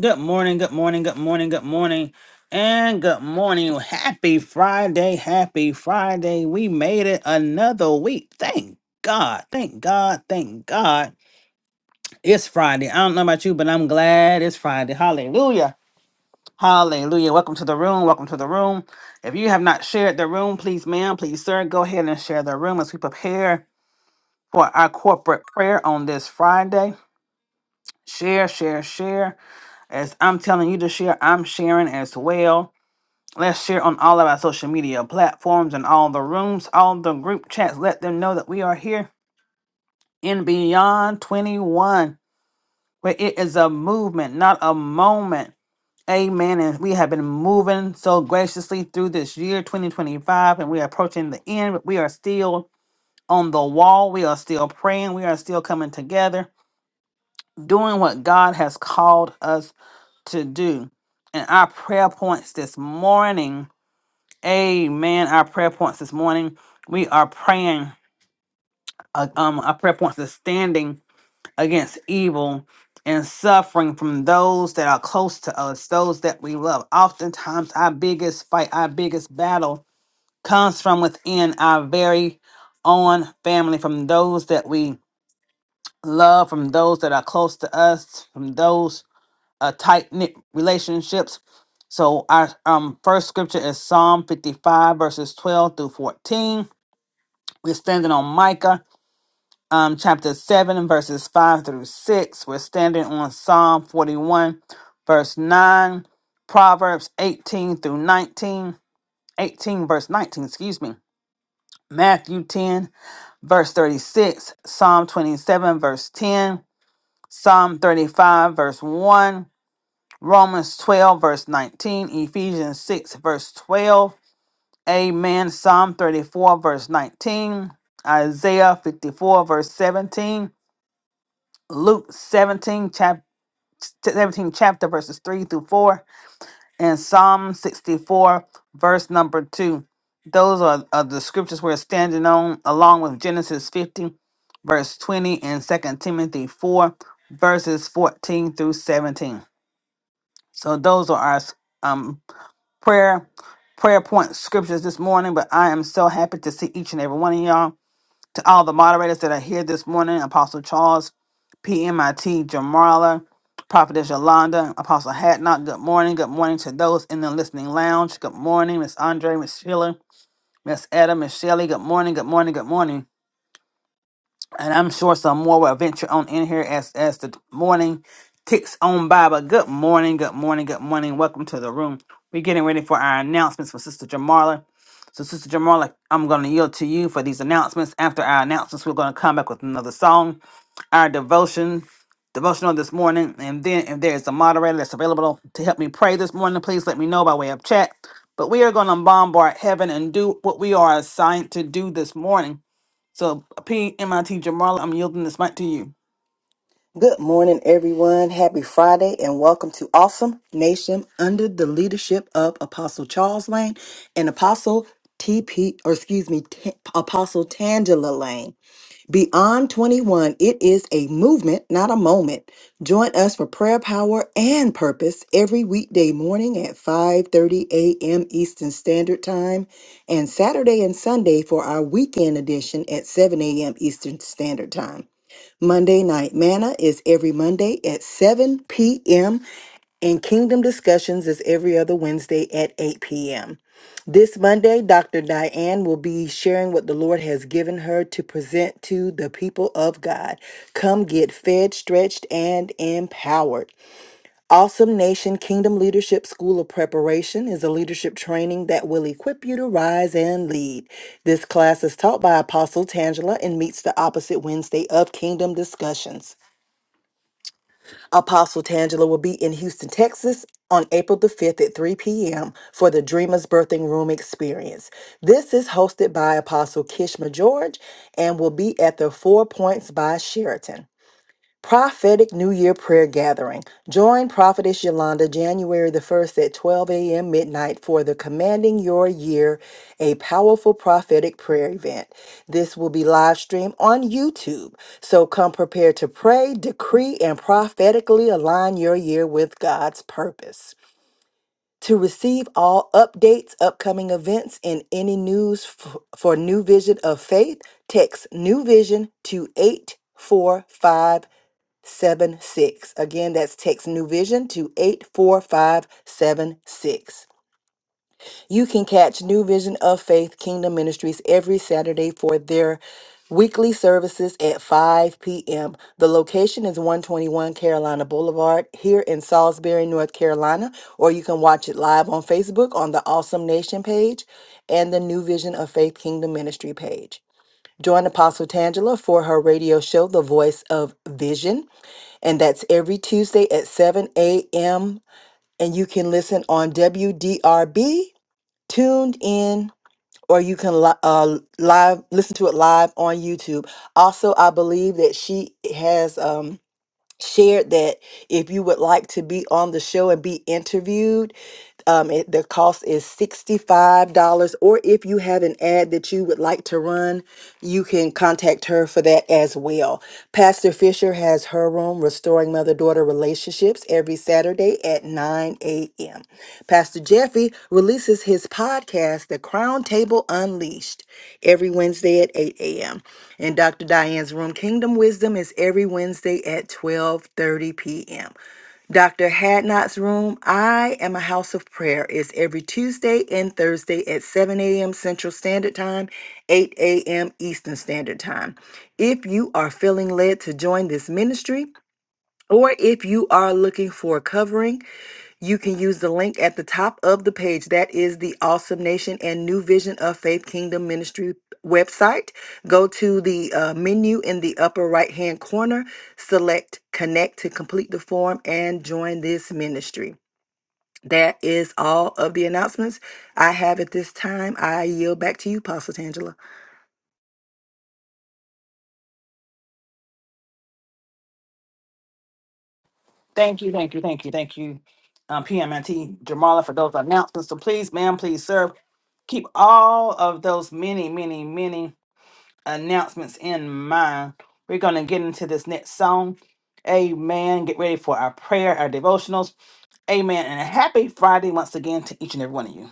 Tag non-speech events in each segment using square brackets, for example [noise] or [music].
Good morning, good morning, good morning, good morning, and good morning. Happy Friday, happy Friday. We made it another week. Thank God, thank God, thank God. It's Friday. I don't know about you, but I'm glad it's Friday. Hallelujah. Hallelujah. Welcome to the room. Welcome to the room. If you have not shared the room, please, ma'am, please, sir, go ahead and share the room as we prepare for our corporate prayer on this Friday. Share, share, share. As I'm telling you to share, I'm sharing as well Let's share on all of our social media platforms and all the rooms, all the group chats. Let them know that we are here in Beyond 21, where it is a movement, not a moment. Amen. And we have been moving so graciously through this year, 2025, and we are approaching the end, but we are still on the wall. We are still praying. We are still coming together, doing what God has called us to do. And our prayer points this morning Amen. Our prayer points this morning. We are praying. uh, um, our prayer points is standing against evil and suffering from those that are close to us, those that we love. Oftentimes, our biggest fight, our biggest battle comes from within our very own family, from those that we love, from those that are close to us, from those uh, tight knit relationships. So, our um, first scripture is Psalm 55, verses 12 through 14. We're standing on Micah um, chapter 7, and verses 5 through 6. We're standing on Psalm 41, verse 9, Proverbs 18 through 19, 18 verse 19, excuse me, Matthew 10, verse 36, Psalm 27, verse 10, Psalm 35, verse 1, Romans 12, verse 19, Ephesians 6, verse 12. Amen. Psalm 34, verse 19. Isaiah 54, verse 17. Luke 17, chap- 17 chapter verses 3 through 4 and Psalm 64 verse number 2. Those are, are the scriptures we're standing on along with Genesis 50 verse 20 and 2 Timothy 4 verses 14 through 17. So those are our um prayer prayer point scriptures this morning, but I am so happy to see each and every one of y'all. To all the moderators that are here this morning, Apostle Charles, PMIT, Jamarla, Prophetess Yolanda, Apostle Hatnot, good morning. Good morning to those in the listening lounge. Good morning, Miss Andre, Miss Sheila, Miss Etta, Miss Shelley. Good morning, good morning, good morning and I'm sure some more will venture on in here as as the morning ticks on by. But good morning, good morning, good morning. Welcome to the room. We're getting ready for our announcements for Sister Jamarla. So, Sister Jamarla, I'm going to yield to you for these announcements. After our announcements, we're going to come back with another song our devotion, devotional this morning. And then if there is a moderator that's available to help me pray this morning, please let me know by way of chat. But we are going to bombard heaven and do what we are assigned to do this morning. So, PMIT Jamala, I'm yielding this mic to you. Good morning, everyone. Happy Friday, and welcome to Awesome Nation under the leadership of Apostle Charles Lane and Apostle TP, or excuse me, T- Apostle Tangela Lane. Beyond 21, it is a movement, not a moment. Join us for prayer, power, and purpose every weekday morning at 5:30 a.m. Eastern Standard Time and Saturday and Sunday for our weekend edition at 7 a.m. Eastern Standard Time. Monday Night Manna is every Monday at 7 p.m., and Kingdom Discussions is every other Wednesday at 8 p.m. This Monday, Dr. Diane will be sharing what the Lord has given her to present to the people of God. Come get fed, stretched, and empowered. Awesome Nation Kingdom Leadership School of Preparation is a leadership training that will equip you to rise and lead. This class is taught by Apostle Tangela and meets the opposite Wednesday of Kingdom Discussions. Apostle Tangela will be in Houston, Texas on April the 5th at 3 p.m. for the Dreamers Birthing Room Experience. This is hosted by Apostle Kishma George and will be at the Four Points by Sheraton. Prophetic New Year Prayer Gathering. Join Prophetess Yolanda January the 1st at 12 a.m. midnight for the Commanding Your Year, a powerful prophetic prayer event. This will be live streamed on YouTube. So come prepared to pray, decree, and prophetically align your year with God's purpose. To receive all updates, upcoming events, and any news f- for New Vision of Faith, text New Vision to 845 seven six. Again, that's text New Vision to eight four five seven six. You can catch New Vision of Faith Kingdom Ministries every Saturday for their weekly services at 5 p.m. The location is 121 Carolina Boulevard here in Salisbury, North Carolina, or you can watch it live on Facebook on the Awesome Nation page and the New Vision of Faith Kingdom Ministry page. Join Apostle Tangela for her radio show, The Voice of Vision and that's every Tuesday at 7 a.m. And you can listen on WDRB, tuned in, or you can li- uh, live listen to it live on YouTube. Also, I believe that she has um, shared that if you would like to be on the show and be interviewed, um, it, the cost is $65. Or if you have an ad that you would like to run, you can contact her for that as well. Pastor Fisher has her room, restoring Mother daughter relationships every Saturday at 9 a.m. Pastor Jeffy releases his podcast, The Crown Table Unleashed, every Wednesday at 8 a.m. And Dr. Diane's Room Kingdom Wisdom is every Wednesday at 12:30 p.m. Dr. Hadnot's room, I Am a House of Prayer, is every Tuesday and Thursday at 7 a.m. Central Standard Time, 8 a.m. Eastern Standard Time. If you are feeling led to join this ministry, or if you are looking for a covering, you can use the link at the top of the page. That is the Awesome Nation and New Vision of Faith Kingdom Ministry website. Go to the uh, menu in the upper right hand corner, select Connect to complete the form and join this ministry. That is all of the announcements I have at this time. I yield back to you, Pastor Tangela. Thank you, thank you, thank you, thank you, um, PMIT Jamala, for those announcements. So, please, ma'am, please, sir, keep all of those many, many, many announcements in mind. We're going to get into this next song. Amen. Get ready for our prayer, our devotionals. Amen. And a happy Friday once again to each and every one of you.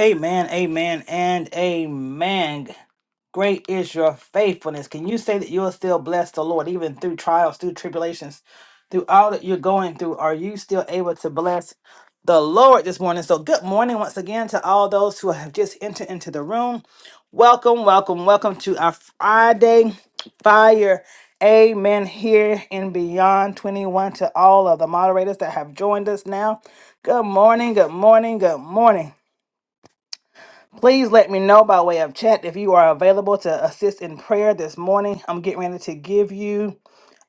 Amen, amen, and amen. Great is your faithfulness. Can you say that you're still bless the Lord, even through trials, through tribulations, through all that you're going through? Are you still able to bless the Lord this morning? So, good morning once again to all those who have just entered into the room. Welcome, welcome, welcome to our Friday fire. Amen. Here in Beyond 21 to all of the moderators that have joined us now. Good morning, good morning, good morning. Please let me know by way of chat if you are available to assist in prayer this morning. I'm getting ready to give you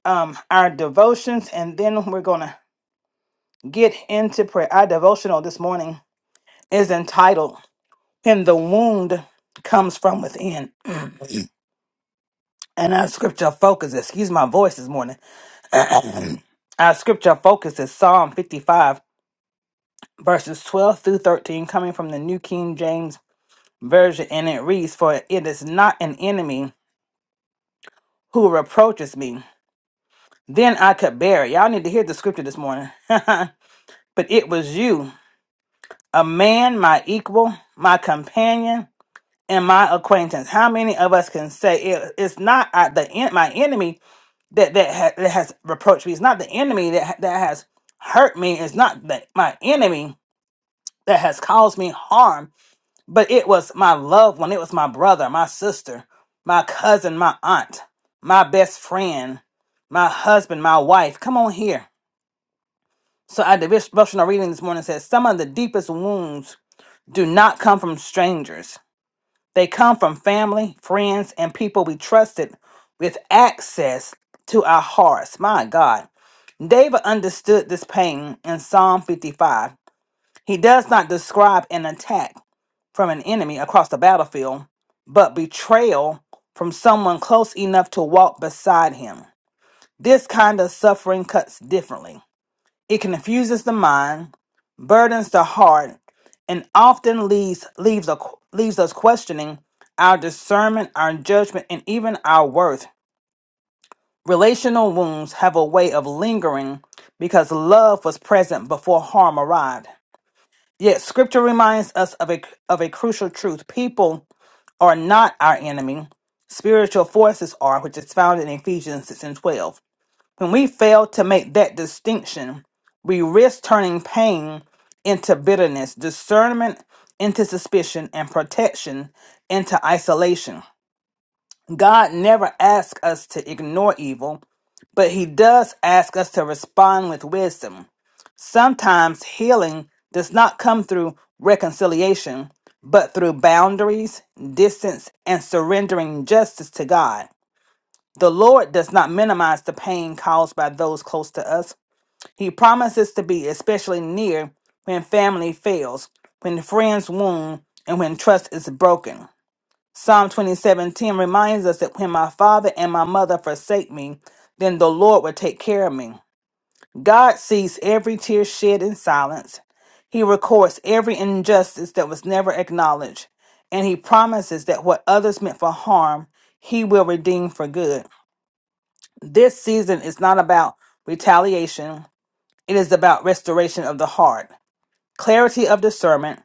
um, our devotions and then we're going to get into prayer. Our devotional this morning is entitled, When the Wound Comes From Within. [clears throat] And our scripture focus, excuse my voice this morning. [clears throat] our scripture focus is Psalm 55, verses 12 through 13, coming from the New King James Version. And it reads, For it is not an enemy who reproaches me Then I could bear it. Y'all need to hear the scripture this morning. [laughs] but it was you, a man, my equal, my companion, and my acquaintance. How many of us can say it, it's not uh, the en- my enemy that that, ha- that has reproached me? It's not the enemy that ha- that has hurt me. It's not the, my enemy that has caused me harm. But it was my loved one. It was my brother, my sister, my cousin, my aunt, my best friend, my husband, my wife. Come on here So our devotional reading this morning says some of the deepest wounds do not come from strangers. They come from family, friends, and people we trusted with access to our hearts. My God. David understood this pain in Psalm 55. He does not describe an attack from an enemy across the battlefield, but betrayal from someone close enough to walk beside him. This kind of suffering cuts differently. It confuses the mind, burdens the heart, and often leaves leaves, a, leaves us questioning our discernment, our judgment, and even our worth. Relational wounds have a way of lingering because love was present before harm arrived. Yet scripture reminds us of a of a crucial truth. People are not our enemy. Spiritual forces are, which is found in Ephesians 6 and 12. When we fail to make that distinction, we risk turning pain into bitterness, discernment into suspicion, and protection into isolation. God never asks us to ignore evil, but He does ask us to respond with wisdom. Sometimes healing does not come through reconciliation, but through boundaries, distance, and surrendering justice to God. The Lord does not minimize the pain caused by those close to us. He promises to be especially near when family fails, when friends wound, and when trust is broken. Psalm 27:10 reminds us that when my father and my mother forsake me, then the Lord will take care of me. God sees every tear shed in silence. He records every injustice that was never acknowledged, and he promises that what others meant for harm, he will redeem for good. This season is not about retaliation, it is about restoration of the heart, clarity of discernment,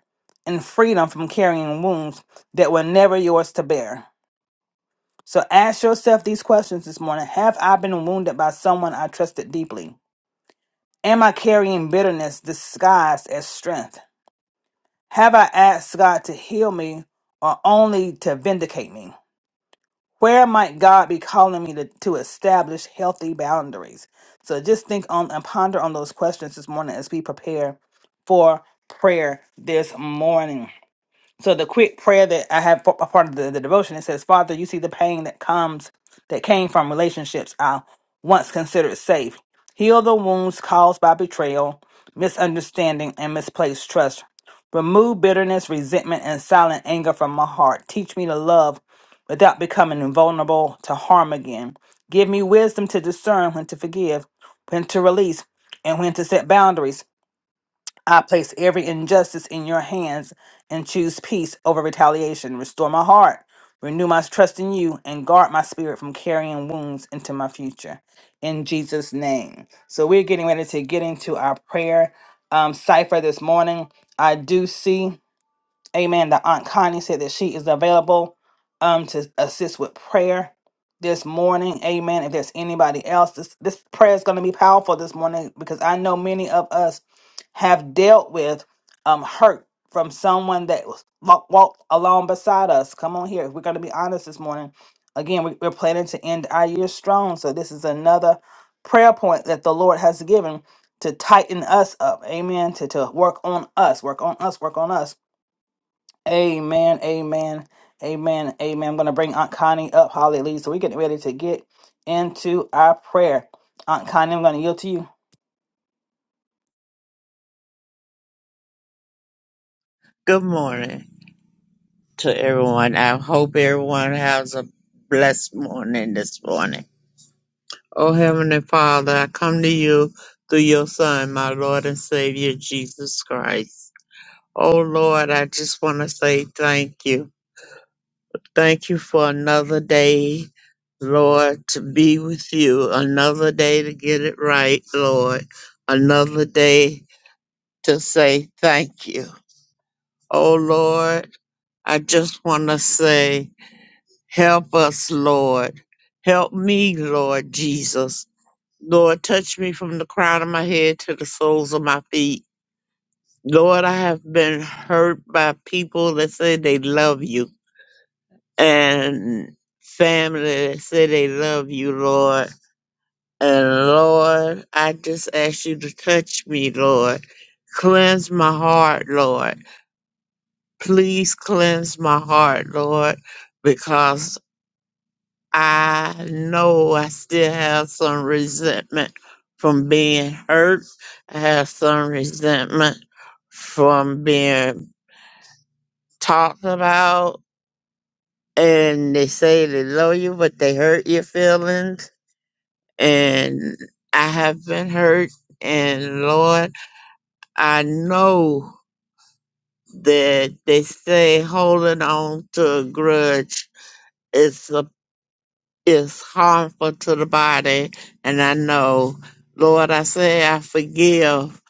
and freedom from carrying wounds that were never yours to bear. So ask yourself these questions this morning Have I been wounded by someone I trusted deeply? Am I carrying bitterness disguised as strength? Have I asked God to heal me or only to vindicate me? Where might God be calling me to, to establish healthy boundaries? So just think on and ponder on those questions this morning as we prepare for prayer this morning. So the quick prayer that I have a part of the, the devotion, it says, Father, you see the pain that comes that came from relationships I once considered safe. Heal the wounds caused by betrayal, misunderstanding, and misplaced trust. Remove bitterness, resentment, and silent anger from my heart. Teach me to love without becoming invulnerable to harm again. Give me wisdom to discern when to forgive, when to release, and when to set boundaries. I place every injustice in your hands and choose peace over retaliation. Restore my heart, renew my trust in you, and guard my spirit from carrying wounds into my future. In Jesus' name. So we're getting ready to get into our prayer um, cipher this morning. I do see. Amen. The Aunt Connie said that she is available um to assist with prayer this morning. Amen. If there's anybody else, this this prayer is going to be powerful this morning because I know many of us have dealt with um hurt from someone that was wa- walked along beside us. Come on here. We're going to be honest this morning. Again, we, we're planning to end our year strong, so this is another prayer point that the Lord has given to tighten us up. Amen. To to work on us, work on us, work on us Amen, amen, amen, amen. I'm going to bring Aunt Connie up. Hallelujah. So we're getting ready to get into our prayer. Aunt Connie, I'm going to yield to you. Good morning to everyone. I hope everyone has a blessed morning this morning. Oh, Heavenly Father, I come to you through your Son, my Lord and Savior, Jesus Christ. Oh, Lord, I just want to say thank you. Thank you for another day, Lord, to be with you. Another day to get it right, Lord. Another day to say thank you. Oh, Lord, I just want to say. Help us, Lord. Help me, Lord Jesus. Lord, touch me from the crown of my head to the soles of my feet. Lord, I have been hurt by people that say they love you and family that say they love you, Lord. And Lord, I just ask you to touch me, Lord. Cleanse my heart, Lord. Please cleanse my heart, Lord, because I know I still have some resentment from being hurt. I have some resentment from being talked about. And they say they love you, but they hurt your feelings. And I have been hurt. And Lord, I know that they say holding on to a grudge is a is harmful to the body. And I know, Lord, I say I forgive,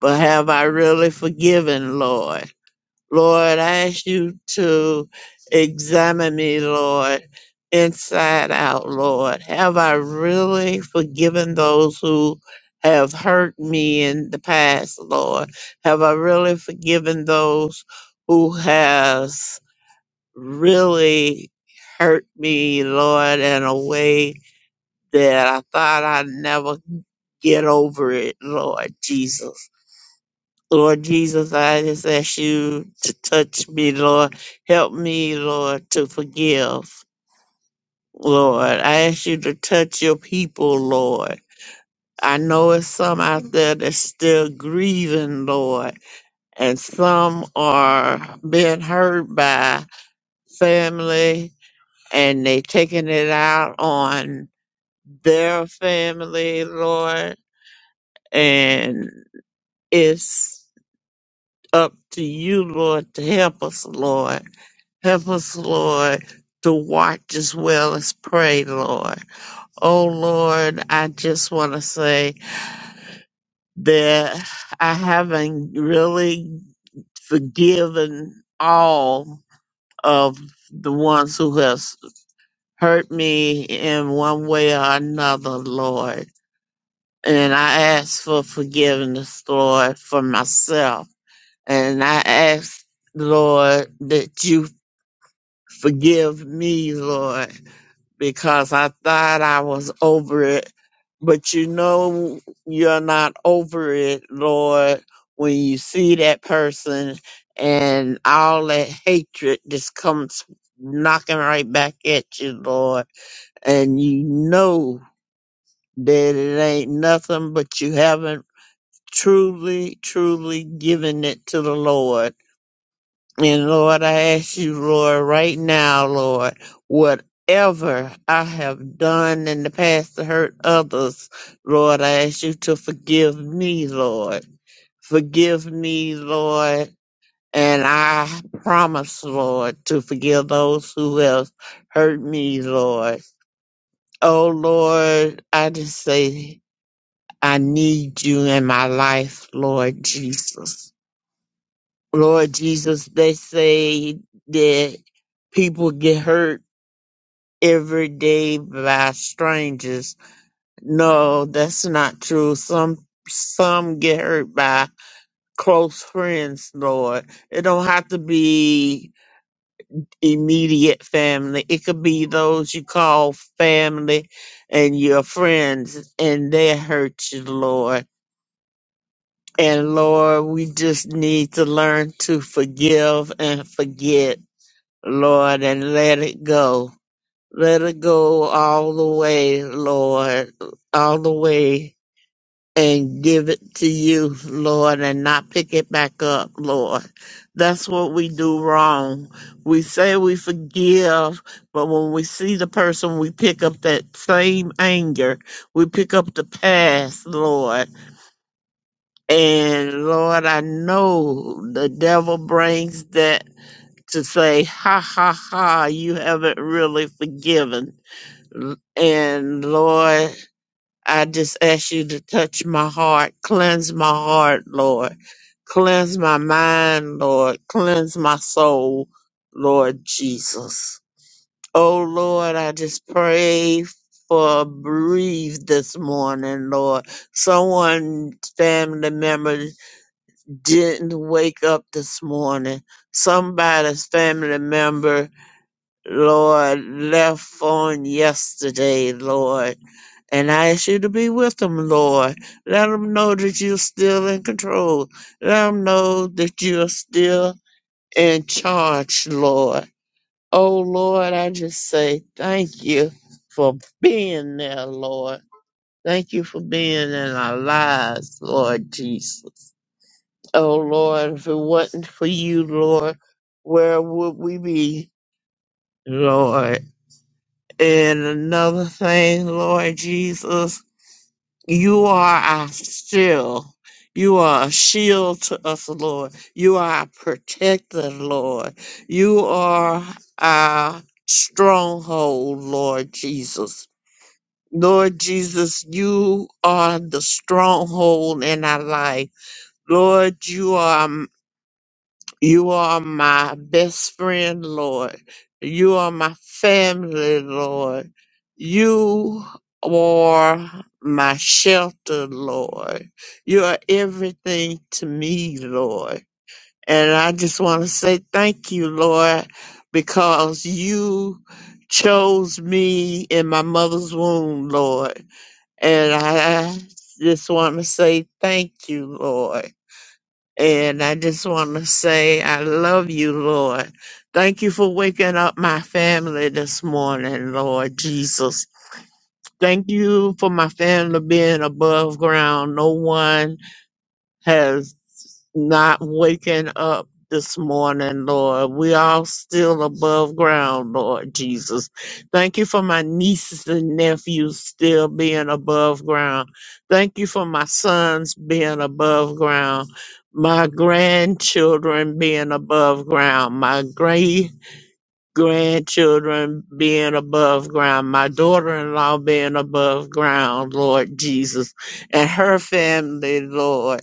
but have I really forgiven, Lord? Lord, I ask you to examine me, Lord, inside out, Lord. Have I really forgiven those who have hurt me in the past, Lord? Have I really forgiven those who has really hurt me, Lord, in a way that I thought I'd never get over it, Lord Jesus. Lord Jesus, I just ask you to touch me, Lord. Help me, Lord, to forgive, Lord. I ask you to touch your people, Lord. I know it's some out there that's still grieving, Lord, and some are being hurt by family and they taking it out on their family, Lord. And It's up to you, Lord, to help us, Lord. Help us, Lord, to watch as well as pray, Lord. Oh, Lord, I just want to say that I haven't really forgiven all of the ones who has hurt me in one way or another, Lord. And I ask for forgiveness, Lord, for myself And I ask, Lord, that you forgive me, Lord, because I thought I was over it. But you know, you're not over it, Lord, when you see that person and all that hatred just comes knocking right back at you, Lord. And you know that it ain't nothing, but you haven't truly, truly given it to the Lord And Lord, I ask you, Lord, right now, Lord, whatever I have done in the past to hurt others, Lord, I ask you to forgive me, Lord. Forgive me, Lord. And I promise, Lord, to forgive those who have hurt me, Lord. Oh, Lord, I just say I need you in my life, Lord Jesus. Lord Jesus, they say that people get hurt every day by strangers. No, that's not true. Some some get hurt by close friends, Lord. It don't have to be immediate family. It could be those you call family and your friends and they hurt you, Lord. And Lord, we just need to learn to forgive and forget Lord, and let it go. Let it go all the way, Lord, all the way and give it to you, Lord, and not pick it back up, Lord. That's what we do wrong. We say we forgive, but when we see the person, we pick up that same anger. We pick up the past, Lord. And Lord, I know the devil brings that to say, ha ha ha, you haven't really forgiven. L- And Lord, I just ask you to touch my heart, cleanse my heart, Lord. Cleanse my mind, Lord. Cleanse my soul, Lord Jesus. Oh Lord, I just pray for breathe this morning, Lord. Someone family member didn't wake up this morning. Somebody's family member Lord, left on yesterday, Lord. And I ask you to be with them, Lord. Let them know that you're still in control. Let them know that you're still in charge, Lord. Oh, Lord, I just say thank you for being there, Lord. Thank you for being in our lives, Lord Jesus. Oh, Lord, if it wasn't for you, Lord, where would we be, Lord? And another thing, Lord Jesus, you are our shield. You are a shield to us, Lord. You are our protector, Lord. You are our stronghold, Lord Jesus. Lord Jesus, you are the stronghold in our life. Lord, you are you are my best friend, Lord. You are my family, Lord. You are my shelter, Lord. You are everything to me, Lord. And I just want to say thank you, Lord, because you chose me in my mother's womb, Lord. And I just want to say thank you, Lord. And I just want to say, I love you, Lord. Thank you for waking up my family this morning, Lord Jesus. Thank you for my family being above ground. No one has not waking up this morning, Lord. We all still above ground, Lord Jesus. Thank you for my nieces and nephews still being above ground. Thank you for my sons being above ground, my grandchildren being above ground, my great grandchildren being above ground, my daughter-in-law being above ground, Lord Jesus, and her family, Lord.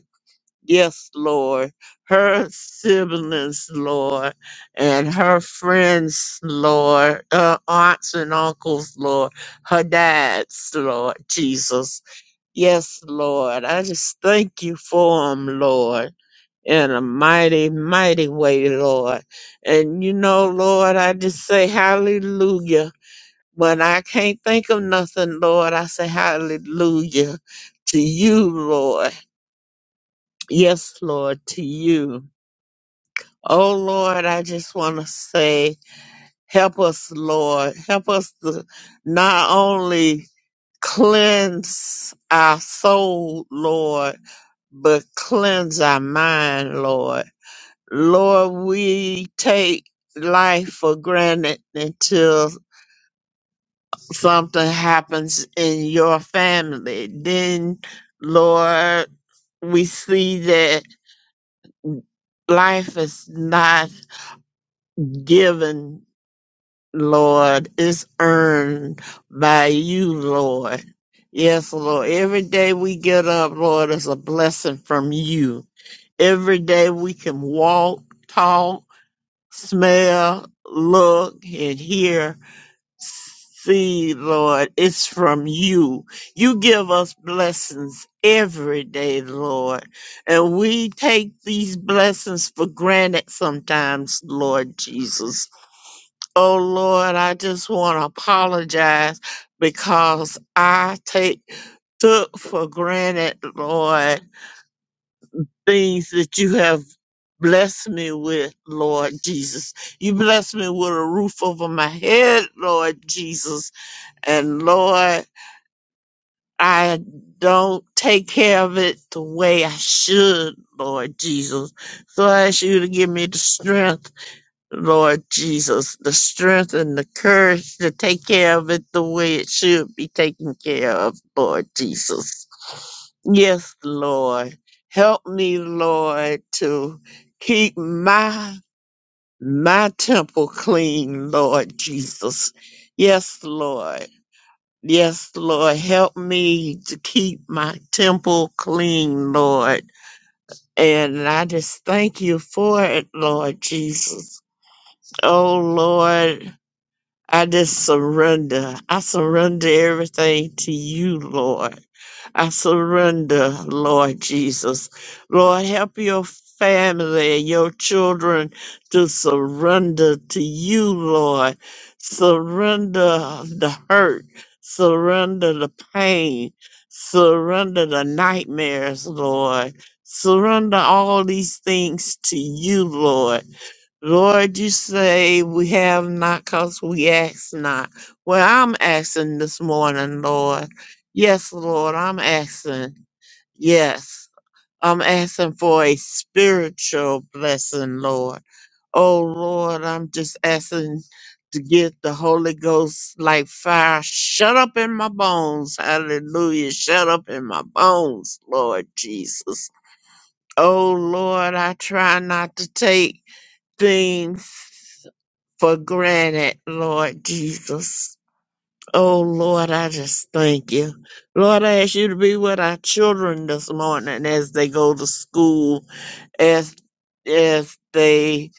Yes, Lord. Her siblings, Lord, and her friends, Lord, her aunts and uncles, Lord, her dads, Lord Jesus. Yes, Lord. I just thank you for them, Lord, in a mighty, mighty way, Lord. And you know, Lord, I just say hallelujah. When I can't think of nothing, Lord, I say hallelujah to you, Lord. Yes, Lord, to you. Oh Lord, I just want to say, help us, Lord. Help us to not only cleanse our soul, Lord, but cleanse our mind, Lord. Lord, we take life for granted until something happens in your family. Then, Lord, we see that life is not given Lord. It's earned by you, Lord. Yes, Lord. Every day we get up, Lord, is a blessing from you. Every day we can walk, talk, smell, look, and hear, see, Lord. It's from you. You give us blessings every day, Lord. And we take these blessings for granted sometimes, Lord Jesus. Oh Lord, I just want to apologize because I take took for granted, Lord, things that you have blessed me with, Lord Jesus. You blessed me with a roof over my head, Lord Jesus. And Lord, I don't take care of it the way I should, Lord Jesus. So I ask you to give me the strength Lord Jesus, the strength and the courage to take care of it the way it should be taken care of, Lord Jesus. Yes, Lord. Help me, Lord, to keep my my temple clean, Lord Jesus. Yes, Lord. Yes, Lord. Help me to keep my temple clean, Lord. And I just thank you for it, Lord Jesus. Oh, Lord I just surrender. I surrender everything to you, Lord. I surrender, Lord Jesus. Lord, help your family, your children to surrender to you, Lord. Surrender the hurt, surrender the pain, surrender the nightmares, Lord. Surrender all these things to you, Lord. Lord, you say we have not because we ask not. Well, I'm asking this morning, Lord. Yes, Lord, I'm asking. Yes, I'm asking for a spiritual blessing, Lord. Oh, Lord, I'm just asking to get the Holy Ghost like fire. Shut up in my bones. Hallelujah. Shut up in my bones, Lord Jesus. Oh, Lord, I try not to take things for granted, Lord Jesus. Oh Lord, I just thank you. Lord, I ask you to be with our children this morning as they go to school, as as they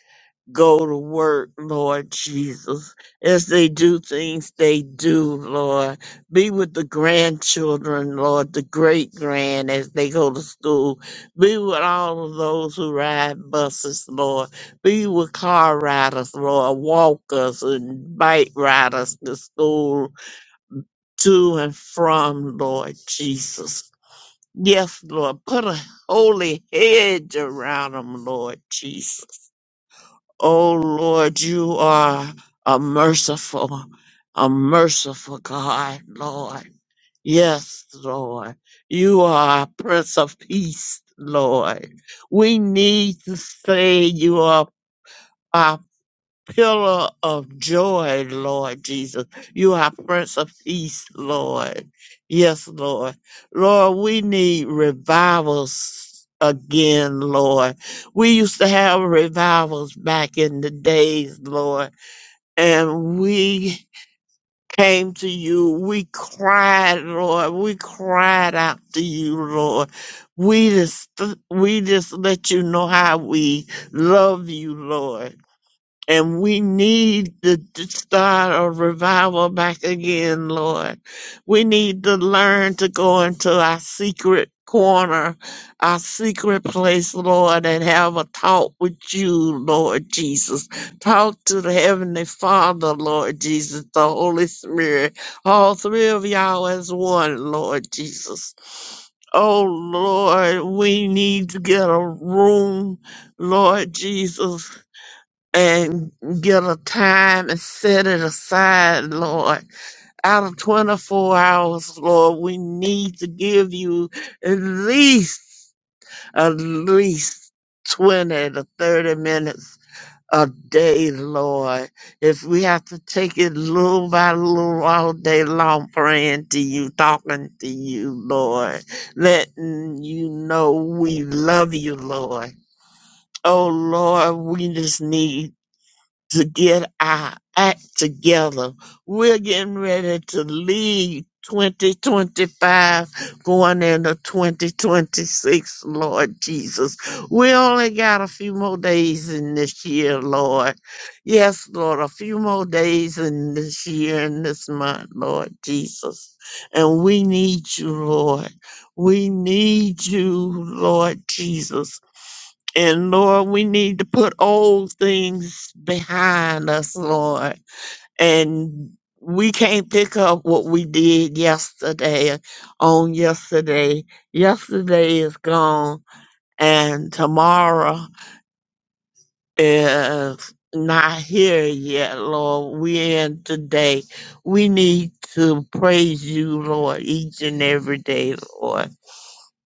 go to work, Lord Jesus. As they do things they do, Lord. Be with the grandchildren, Lord, the great grand as they go to school. Be with all of those who ride buses, Lord. Be with car riders, Lord, walkers and bike riders to school, to and from, Lord Jesus. Yes, Lord, put a holy hedge around them, Lord Jesus. Oh Lord, you are a merciful, a merciful God, Lord. Yes, Lord. You are a Prince of Peace, Lord. We need to say you are. Papa pillar of joy, Lord Jesus. You are Prince of Peace, Lord. Yes, Lord. Lord, we need revivals again, Lord. We used to have revivals back in the days, Lord, and we came to you. We cried, Lord. We cried out to you, Lord. We just, we just let you know how we love you, Lord and we need to to start a revival back again, Lord. We need to learn to go into our secret corner, our secret place, Lord, and have a talk with you, Lord Jesus. Talk to the Heavenly Father, Lord Jesus, the Holy Spirit, all three of y'all as one, Lord Jesus. Oh, Lord, we need to get a room, Lord Jesus and get a time and set it aside, Lord. Out of 24 hours, Lord, we need to give you at least, at least 20 to 30 minutes a day, Lord. If we have to take it little by little all day long, praying to you, talking to you, Lord, letting you know we love you, Lord. Oh, Lord, we just need to get our act together. We're getting ready to leave 2025 going into 2026, Lord Jesus. We only got a few more days in this year, Lord. Yes, Lord, a few more days in this year and this month, Lord Jesus. And we need you, Lord. We need you, Lord Jesus. And Lord, we need to put old things behind us, Lord. And we can't pick up what we did yesterday on yesterday. Yesterday is gone, and tomorrow is not here yet, Lord. We're in today. We need to praise you, Lord, each and every day, Lord.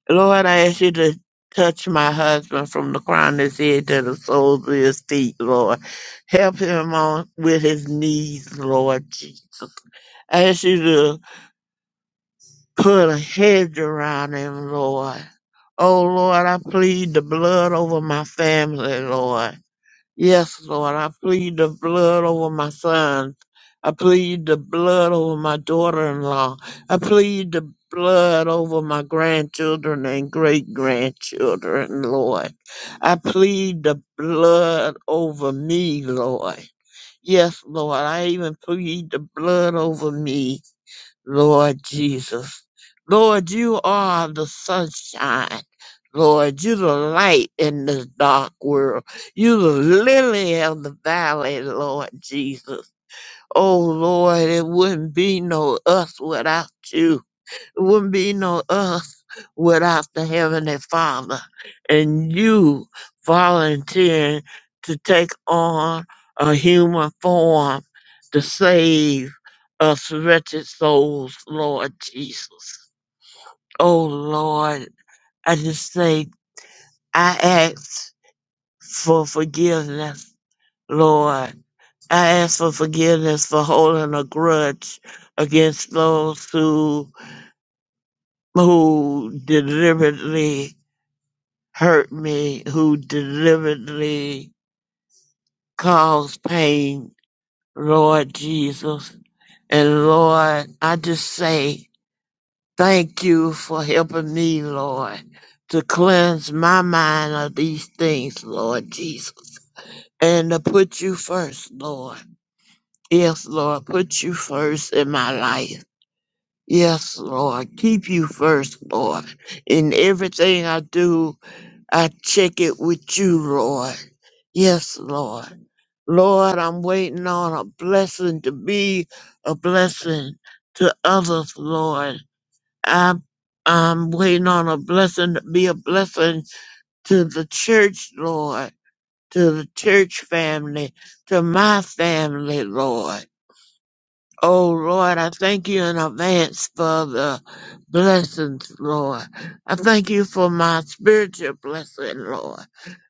Lord, I ask you to touch my husband from the crown of his head to the soles of his feet, Lord. Help him on with his knees, Lord Jesus. I ask you to put a hedge around him, Lord. Oh, Lord, I plead the blood over my family, Lord. Yes, Lord, I plead the blood over my son. I plead the blood over my daughter in law. I plead the blood over my grandchildren and great grandchildren, Lord. I plead the blood over me, Lord. Yes, Lord, I even plead the blood over me. Lord Jesus. Lord, you are the sunshine. Lord, you the light in this dark world. You the lily of the valley, Lord Jesus. Oh Lord, it wouldn't be no us without you. It wouldn't be no us without the Heavenly Father and you volunteering to take on a human form to save us wretched souls, Lord Jesus. Oh Lord, I just say I ask for forgiveness, Lord. I ask for forgiveness for holding a grudge against those who who deliberately hurt me who deliberately caused pain, Lord Jesus. And Lord, I just say thank you for helping me, Lord, to cleanse my mind of these things, Lord Jesus, and to put you first, Lord. Yes, Lord, put you first in my life. Yes, Lord, keep you first, Lord. In everything I do, I check it with you, Lord. Yes, Lord. Lord, I'm waiting on a blessing to be a blessing to others, Lord. I'm, I'm waiting on a blessing to be a blessing to the church, Lord, to the church family, to my family, Lord. Oh, Lord, I thank you in advance for the blessings, Lord. I thank you for my spiritual blessing, Lord.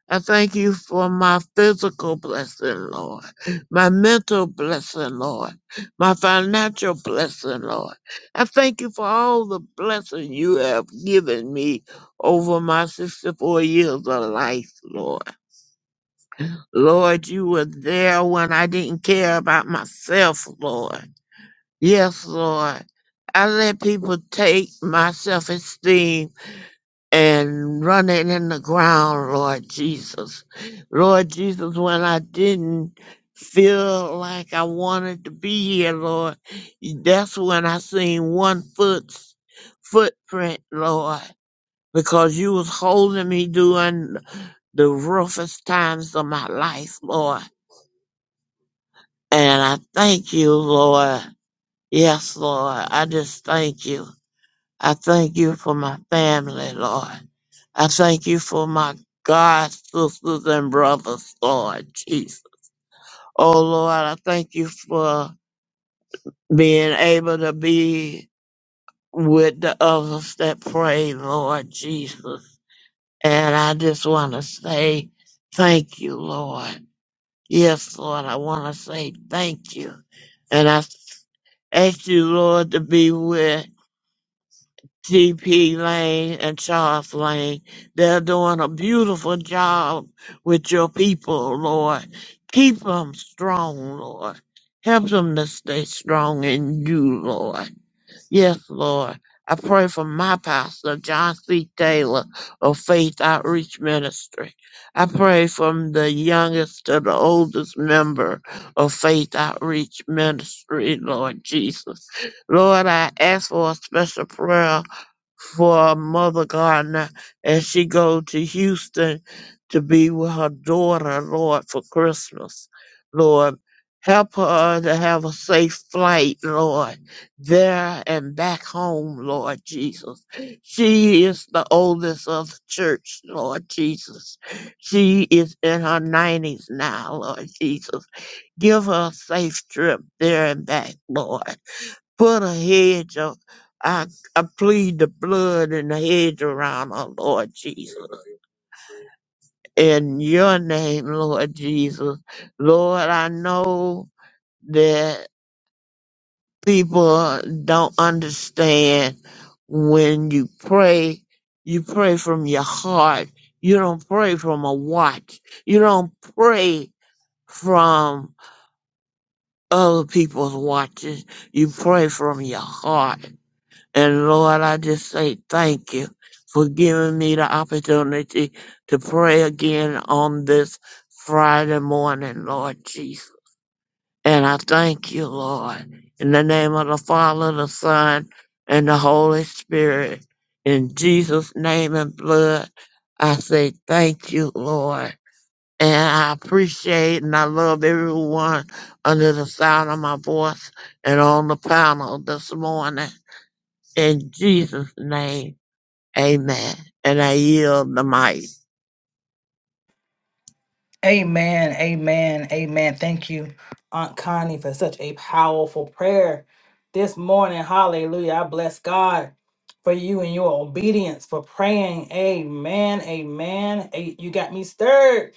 I thank you for my physical blessing, Lord, my mental blessing, Lord, my financial blessing, Lord. I thank you for all the blessing you have given me over my 64 years of life, Lord. Lord, you were there when I didn't care about myself, Lord. Yes, Lord. I let people take my self esteem and run it in the ground, Lord Jesus. Lord Jesus, when I didn't feel like I wanted to be here, Lord, that's when I seen one foot footprint, Lord, because you was holding me during the roughest times of my life, Lord. And I thank you, Lord. Yes, Lord. I just thank you. I thank you for my family, Lord. I thank you for my God, sisters, and brothers, Lord Jesus. Oh, Lord, I thank you for being able to be with the others that pray, Lord Jesus. And I just want to say thank you, Lord. Yes, Lord, I want to say thank you. And I ask you, Lord, to be with TP Lane and Charles Lane. They're doing a beautiful job with your people, Lord. Keep them strong, Lord. Help them to stay strong in you, Lord. Yes, Lord. I pray for my pastor, John C. Taylor of Faith Outreach Ministry. I pray from the youngest to the oldest member of Faith Outreach Ministry, Lord Jesus. Lord, I ask for a special prayer for Mother Gardner as she go to Houston to be with her daughter, Lord, for Christmas. Lord, help her to have a safe flight, Lord, there and back home, Lord Jesus. She is the oldest of the church, Lord Jesus. She is in her 90s now, Lord Jesus. Give her a safe trip there and back, Lord. Put a hedge of, I, I plead the blood and the hedge around her, Lord Jesus. In your name, Lord Jesus. Lord, I know that people don't understand when you pray, you pray from your heart. You don't pray from a watch. You don't pray from other people's watches. You pray from your heart. And Lord, I just say thank you for giving me the opportunity to pray again on this Friday morning, Lord Jesus. And I thank you, Lord, in the name of the Father, the Son, and the Holy Spirit. In Jesus' name and blood, I say thank you, Lord. And I appreciate and I love everyone under the sound of my voice and on the panel this morning. In Jesus' name, amen. And I yield the mic. Amen. Amen. Amen. Thank you, Aunt Connie, for such a powerful prayer this morning. Hallelujah. I bless God for you and your obedience for praying. Amen. Amen. A- You got me stirred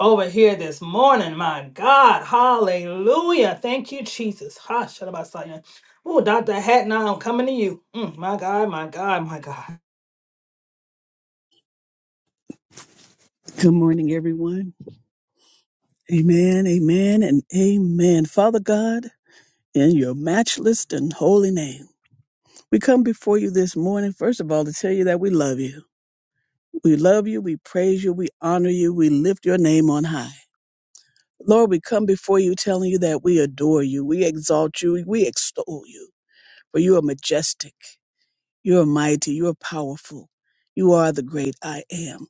over here this morning. My God. Hallelujah. Thank you, Jesus. Ha, shut up, I saw you. Oh, Dr. Hatton, I'm coming to you. Mm, my God, my God, my God. Good morning, everyone. Amen, amen, and amen. Father God, in your matchless and holy name, we come before you this morning, first of all, to tell you that we love you. We love you, we praise you, we honor you, we lift your name on high. Lord, we come before you telling you that we adore you, we exalt you, we extol you, for you are majestic, you are mighty, you are powerful, you are the great I am.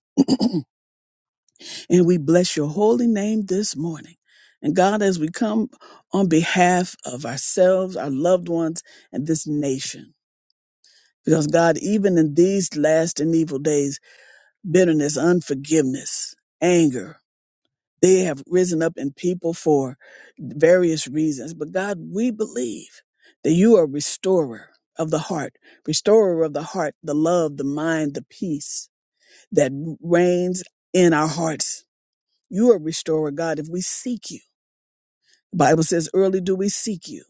And we bless your holy name this morning. And God, as we come on behalf of ourselves, our loved ones, and this nation, because God, even in these last and evil days, bitterness, unforgiveness, anger, they have risen up in people for various reasons. But God, we believe that you are restorer of the heart, restorer of the heart, the love, the mind, the peace that reigns in our hearts you are a restorer, God, if we seek you. The Bible says, early do we seek you.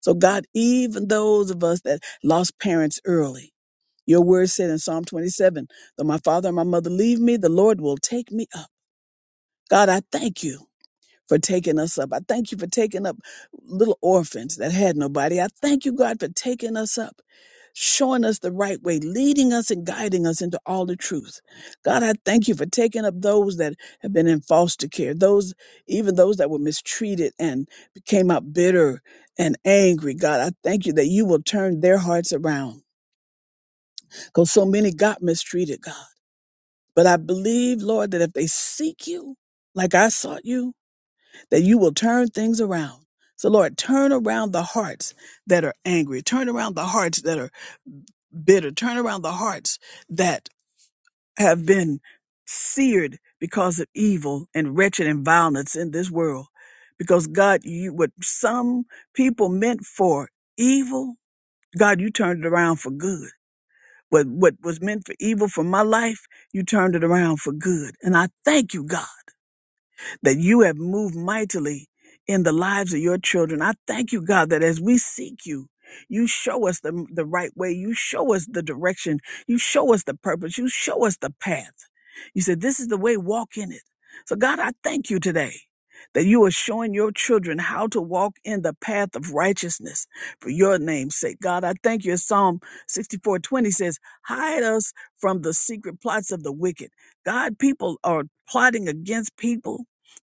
So, God, even those of us that lost parents early, your word said in Psalm 27, though my father and my mother leave me, the Lord will take me up. God, I thank you for taking us up. I thank you for taking up little orphans that had nobody. I thank you, God, for taking us up, showing us the right way, leading us and guiding us into all the truth. God, I thank you for taking up those that have been in foster care, those, even those that were mistreated and became out bitter and angry. God, I thank you that you will turn their hearts around because so many got mistreated, God. But I believe, Lord, that if they seek you like I sought you, that you will turn things around. So, Lord, turn around the hearts that are angry, turn around the hearts that are bitter, turn around the hearts that have been seared because of evil and wretched and violence in this world. Because God, you what some people meant for evil, God, you turned it around for good. What what was meant for evil for my life, you turned it around for good. And I thank you, God that you have moved mightily in the lives of your children. I thank you, God, that as we seek you, you show us the, the right way. You show us the direction. You show us the purpose. You show us the path. You said, This is the way, walk in it. So, God, I thank you today that you are showing your children how to walk in the path of righteousness for your name's sake. God, I thank you. As Psalm 64 20 says, Hide us from the secret plots of the wicked. God, people are plotting against people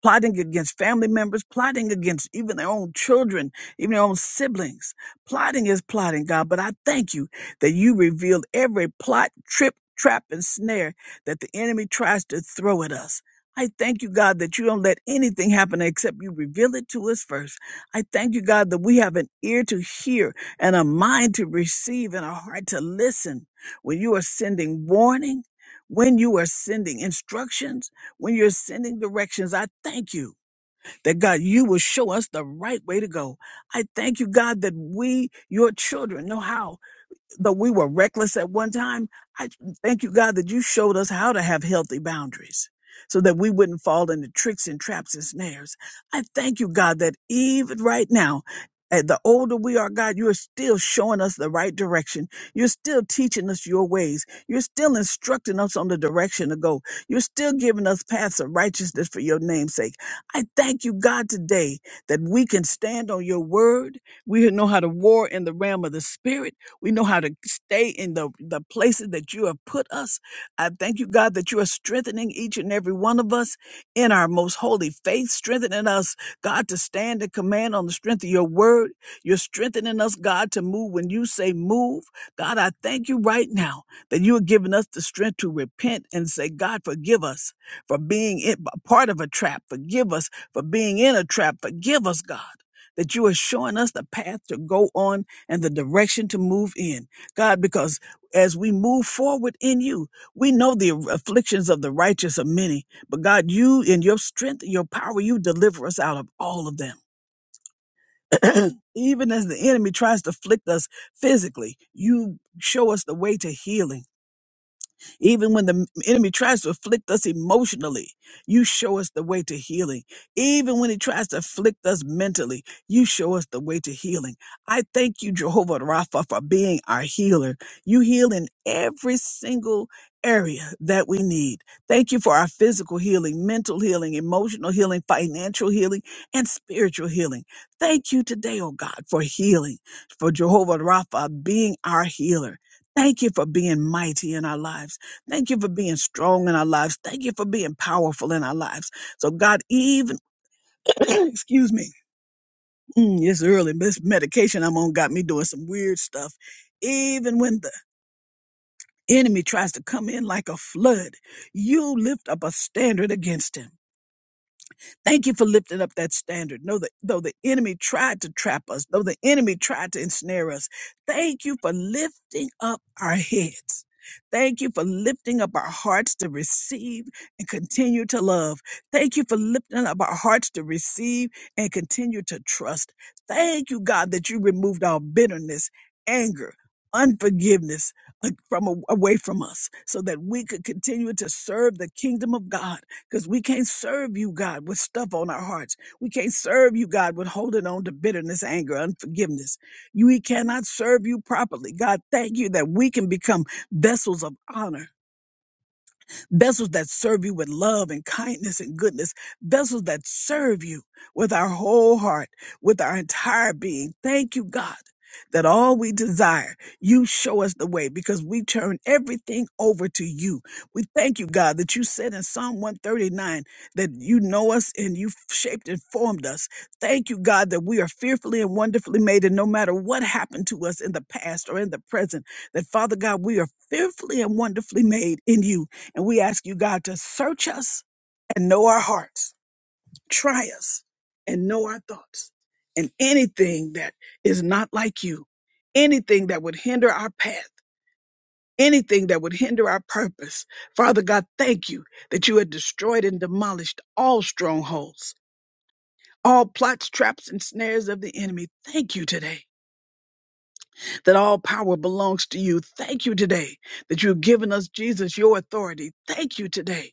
plotting against family members, plotting against even their own children, even their own siblings. Plotting is plotting, God, but I thank you that you revealed every plot, trip, trap, and snare that the enemy tries to throw at us. I thank you, God, that you don't let anything happen except you reveal it to us first. I thank you, God, that we have an ear to hear and a mind to receive and a heart to listen when you are sending warning, when you are sending instructions when you're sending directions, I thank you that God, you will show us the right way to go. I thank you, God, that we, your children, know how though we were reckless at one time, I thank you, God, that you showed us how to have healthy boundaries so that we wouldn't fall into tricks and traps and snares. I thank you, God, that even right now, at the older we are, God, you are still showing us the right direction. You're still teaching us your ways. You're still instructing us on the direction to go. You're still giving us paths of righteousness for your name's sake. I thank you, God, today that we can stand on your word. We know how to war in the realm of the spirit we know how to stay in the, the places that you have put us. I thank you, God, that you are strengthening each and every one of us in our most holy faith, strengthening us, God, to stand and command on the strength of your word. You're strengthening us, God, to move when you say move. God, I thank you right now that you are giving us the strength to repent and say, God, forgive us for being in, part of a trap. Forgive us for being in a trap. Forgive us, God, that you are showing us the path to go on and the direction to move in. God, because as we move forward in you, we know the afflictions of the righteous are many, but God, you in your strength, and your power, you deliver us out of all of them. [clears throat] Even as the enemy tries to afflict us physically, you show us the way to healing. Even when the enemy tries to afflict us emotionally, you show us the way to healing. Even when he tries to afflict us mentally, you show us the way to healing. I thank you, Jehovah Rapha, for being our healer. You heal in every single area that we need. Thank you for our physical healing, mental healing, emotional healing, financial healing, and spiritual healing. Thank you today, oh God, for healing, for Jehovah Rapha being our healer. Thank you for being mighty in our lives. Thank you for being strong in our lives. Thank you for being powerful in our lives. So God, even [clears throat] excuse me, mm, it's early. This medication I'm on got me doing some weird stuff. Even when the enemy tries to come in like a flood, you lift up a standard against him. Thank you for lifting up that standard. Know that though the enemy tried to trap us, though the enemy tried to ensnare us, thank you for lifting up our heads. Thank you for lifting up our hearts to receive and continue to love. Thank you for lifting up our hearts to receive and continue to trust. Thank you, God, that you removed all bitterness, anger, unforgiveness uh, from a- away from us so that we could continue to serve the kingdom of God because we can't serve you, God, with stuff on our hearts. We can't serve you, God, with holding on to bitterness, anger, unforgiveness. You, we cannot serve you properly. God, thank you that we can become vessels of honor vessels that serve you with love and kindness and goodness, vessels that serve you with our whole heart, with our entire being. Thank you, God. That all we desire, you show us the way because we turn everything over to you. We thank you, God, that you said in Psalm 139 that you know us and you shaped and formed us. Thank you, God, that we are fearfully and wonderfully made. And no matter what happened to us in the past or in the present, that Father God, we are fearfully and wonderfully made in you. And we ask you, God, to search us and know our hearts, try us and know our thoughts, and anything that is not like you, anything that would hinder our path, anything that would hinder our purpose. Father God, thank you that you had destroyed and demolished all strongholds. All plots, traps, and snares of the enemy. Thank you today that all power belongs to you. Thank you today that you've given us, Jesus, your authority. Thank you today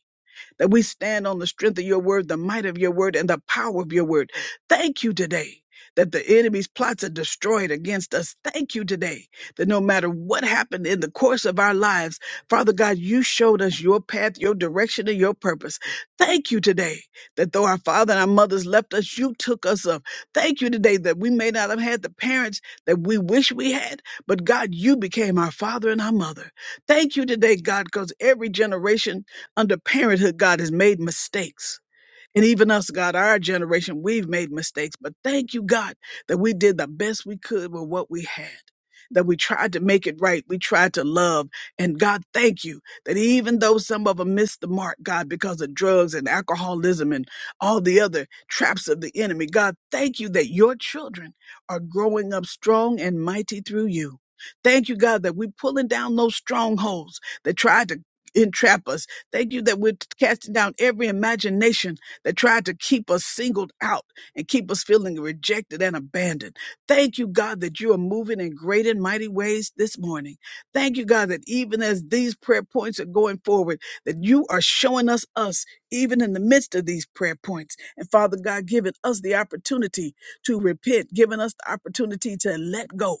that we stand on the strength of your word, the might of your word, and the power of your word. Thank you today that the enemy's plots are destroyed against us. Thank you today that no matter what happened in the course of our lives, Father God, you showed us your path, your direction, and your purpose. Thank you today that though our father and our mothers left us, you took us up. Thank you today that we may not have had the parents that we wish we had, but God, you became our father and our mother. Thank you today, God, because every generation under parenthood, God has made mistakes. And even us, God, our generation, we've made mistakes, but thank you, God, that we did the best we could with what we had. That we tried to make it right. We tried to love. And God, thank you that even though some of them missed the mark, God, because of drugs and alcoholism and all the other traps of the enemy, God, thank you that your children are growing up strong and mighty through you. Thank you, God, that we're pulling down those strongholds that tried to entrap us. Thank you that we're casting down every imagination that tried to keep us singled out and keep us feeling rejected and abandoned. Thank you, God, that you are moving in great and mighty ways this morning. Thank you, God, that even as these prayer points are going forward, that you are showing us us even in the midst of these prayer points. And Father God, giving us the opportunity to repent, giving us the opportunity to let go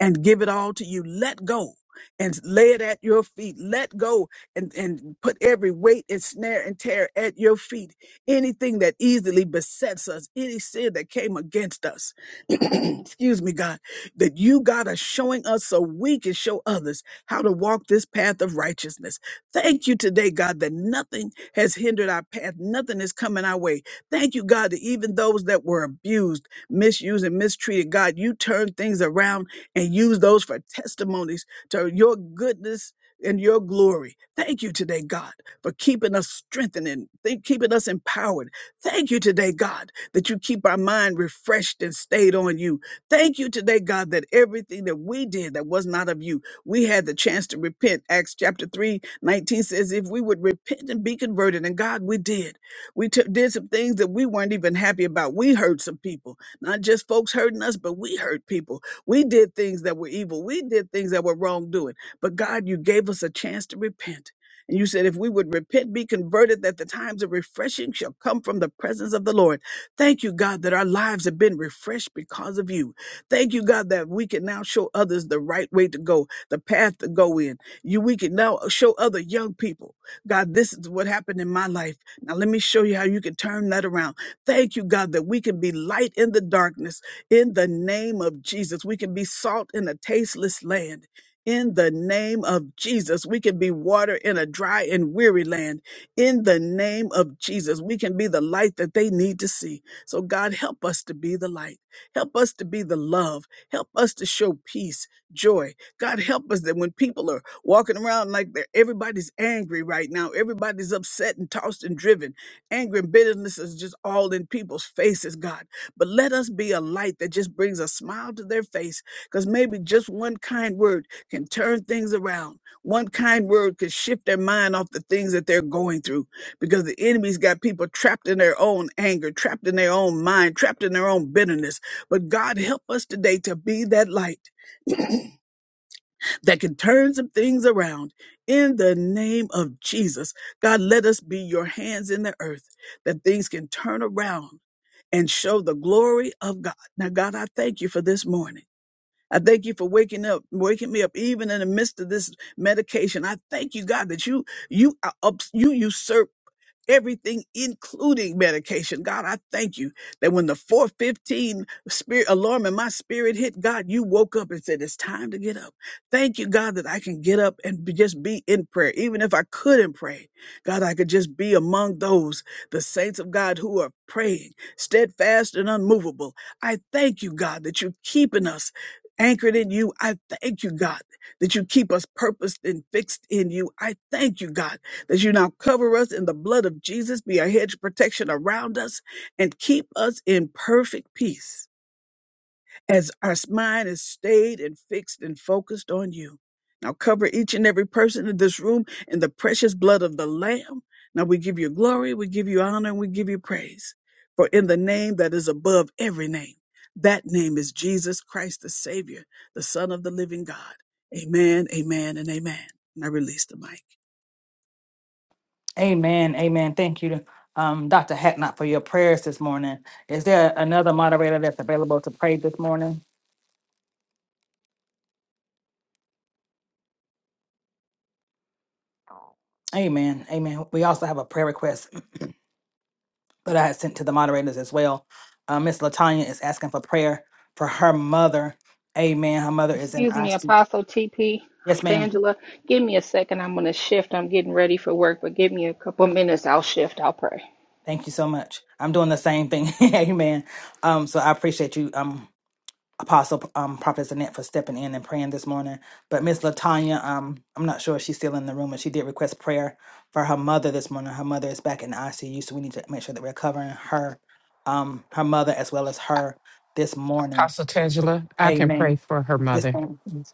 and give it all to you. Let go and lay it at your feet. Let go and, and put every weight and snare and tear at your feet. Anything that easily besets us, any sin that came against us. [clears throat] Excuse me, God, that you, God, are showing us so we can show others how to walk this path of righteousness. Thank you today, God, that nothing has hindered our path. Nothing is coming our way. Thank you, God, that even those that were abused, misused, and mistreated, God, you turned things around and use those for testimonies to your goodness and your glory. Thank you today, God, for keeping us strengthened and th- keeping us empowered. Thank you today, God, that you keep our mind refreshed and stayed on you. Thank you today, God, that everything that we did that was not of you, we had the chance to repent. Acts chapter 3 19 says, if we would repent and be converted, and God, we did. We took did some things that we weren't even happy about. We hurt some people, not just folks hurting us, but we hurt people. We did things that were evil. We did things that were wrongdoing. But God, you gave us a chance to repent. And you said, if we would repent, be converted, that the times of refreshing shall come from the presence of the Lord. Thank you, God, that our lives have been refreshed because of you. Thank you, God, that we can now show others the right way to go, the path to go in. You, we can now show other young people, God, this is what happened in my life. Now let me show you how you can turn that around. Thank you, God, that we can be light in the darkness in the name of Jesus, we can be salt in a tasteless land. In the name of Jesus, we can be water in a dry and weary land. In the name of Jesus, we can be the light that they need to see. So, God, help us to be the light. Help us to be the love. Help us to show peace, joy. God, help us that when people are walking around like they're, everybody's angry right now, everybody's upset and tossed and driven, anger and bitterness is just all in people's faces, God. But let us be a light that just brings a smile to their face because maybe just one kind word can turn things around. One kind word could shift their mind off the things that they're going through because the enemy's got people trapped in their own anger, trapped in their own mind, trapped in their own bitterness. But God, help us today to be that light that can turn some things around in the name of Jesus. God, let us be your hands in the earth that things can turn around and show the glory of God. Now, God, I thank you for this morning. I thank you for waking up, waking me up, even in the midst of this medication. I thank you, God, that you you uh, ups- you usurp everything, including medication. God, I thank you that when the 415 spirit alarm in my spirit hit, God, you woke up and said, it's time to get up. Thank you, God, that I can get up and be- just be in prayer. Even if I couldn't pray, God, I could just be among those, the saints of God who are praying, steadfast and unmovable. I thank you, God, that you're keeping us anchored in you. I thank you, God, that you keep us purposed and fixed in you. I thank you, God that you now cover us in the blood of Jesus, be a hedge of protection around us, and keep us in perfect peace as our mind is stayed and fixed and focused on you. Now cover each and every person in this room in the precious blood of the Lamb. Now we give you glory, we give you honor, and we give you praise. For in the name that is above every name, that name is Jesus Christ, the Savior, the Son of the living God. Amen, amen, and amen. And I release the mic. Amen. Amen. Thank you, um, Dr. Hatnot, for your prayers this morning. Is there another moderator that's available to pray this morning? Amen. Amen. We also have a prayer request that I had sent to the moderators as well. Uh, Miss Latanya is asking for prayer for her mother. Amen. Her mother is in Excuse me, ICU. Apostle TP, Yes, ma'am. Tangela. Give me a second. I'm going to shift. I'm getting ready for work, but give me a couple minutes. I'll shift. I'll pray. Thank you so much. I'm doing the same thing. [laughs] Amen. Um, so I appreciate you. Um, Apostle um, Prophet Annette for stepping in and praying this morning. But Miss Latanya, um, I'm not sure if she's still in the room, but she did request prayer for her mother this morning. Her mother is back in the ICU, so we need to make sure that we're covering her, um, her mother as well as her this morning. Apostle Tangela, I can pray Amen. for her Yes, mother. ma'am. Yes,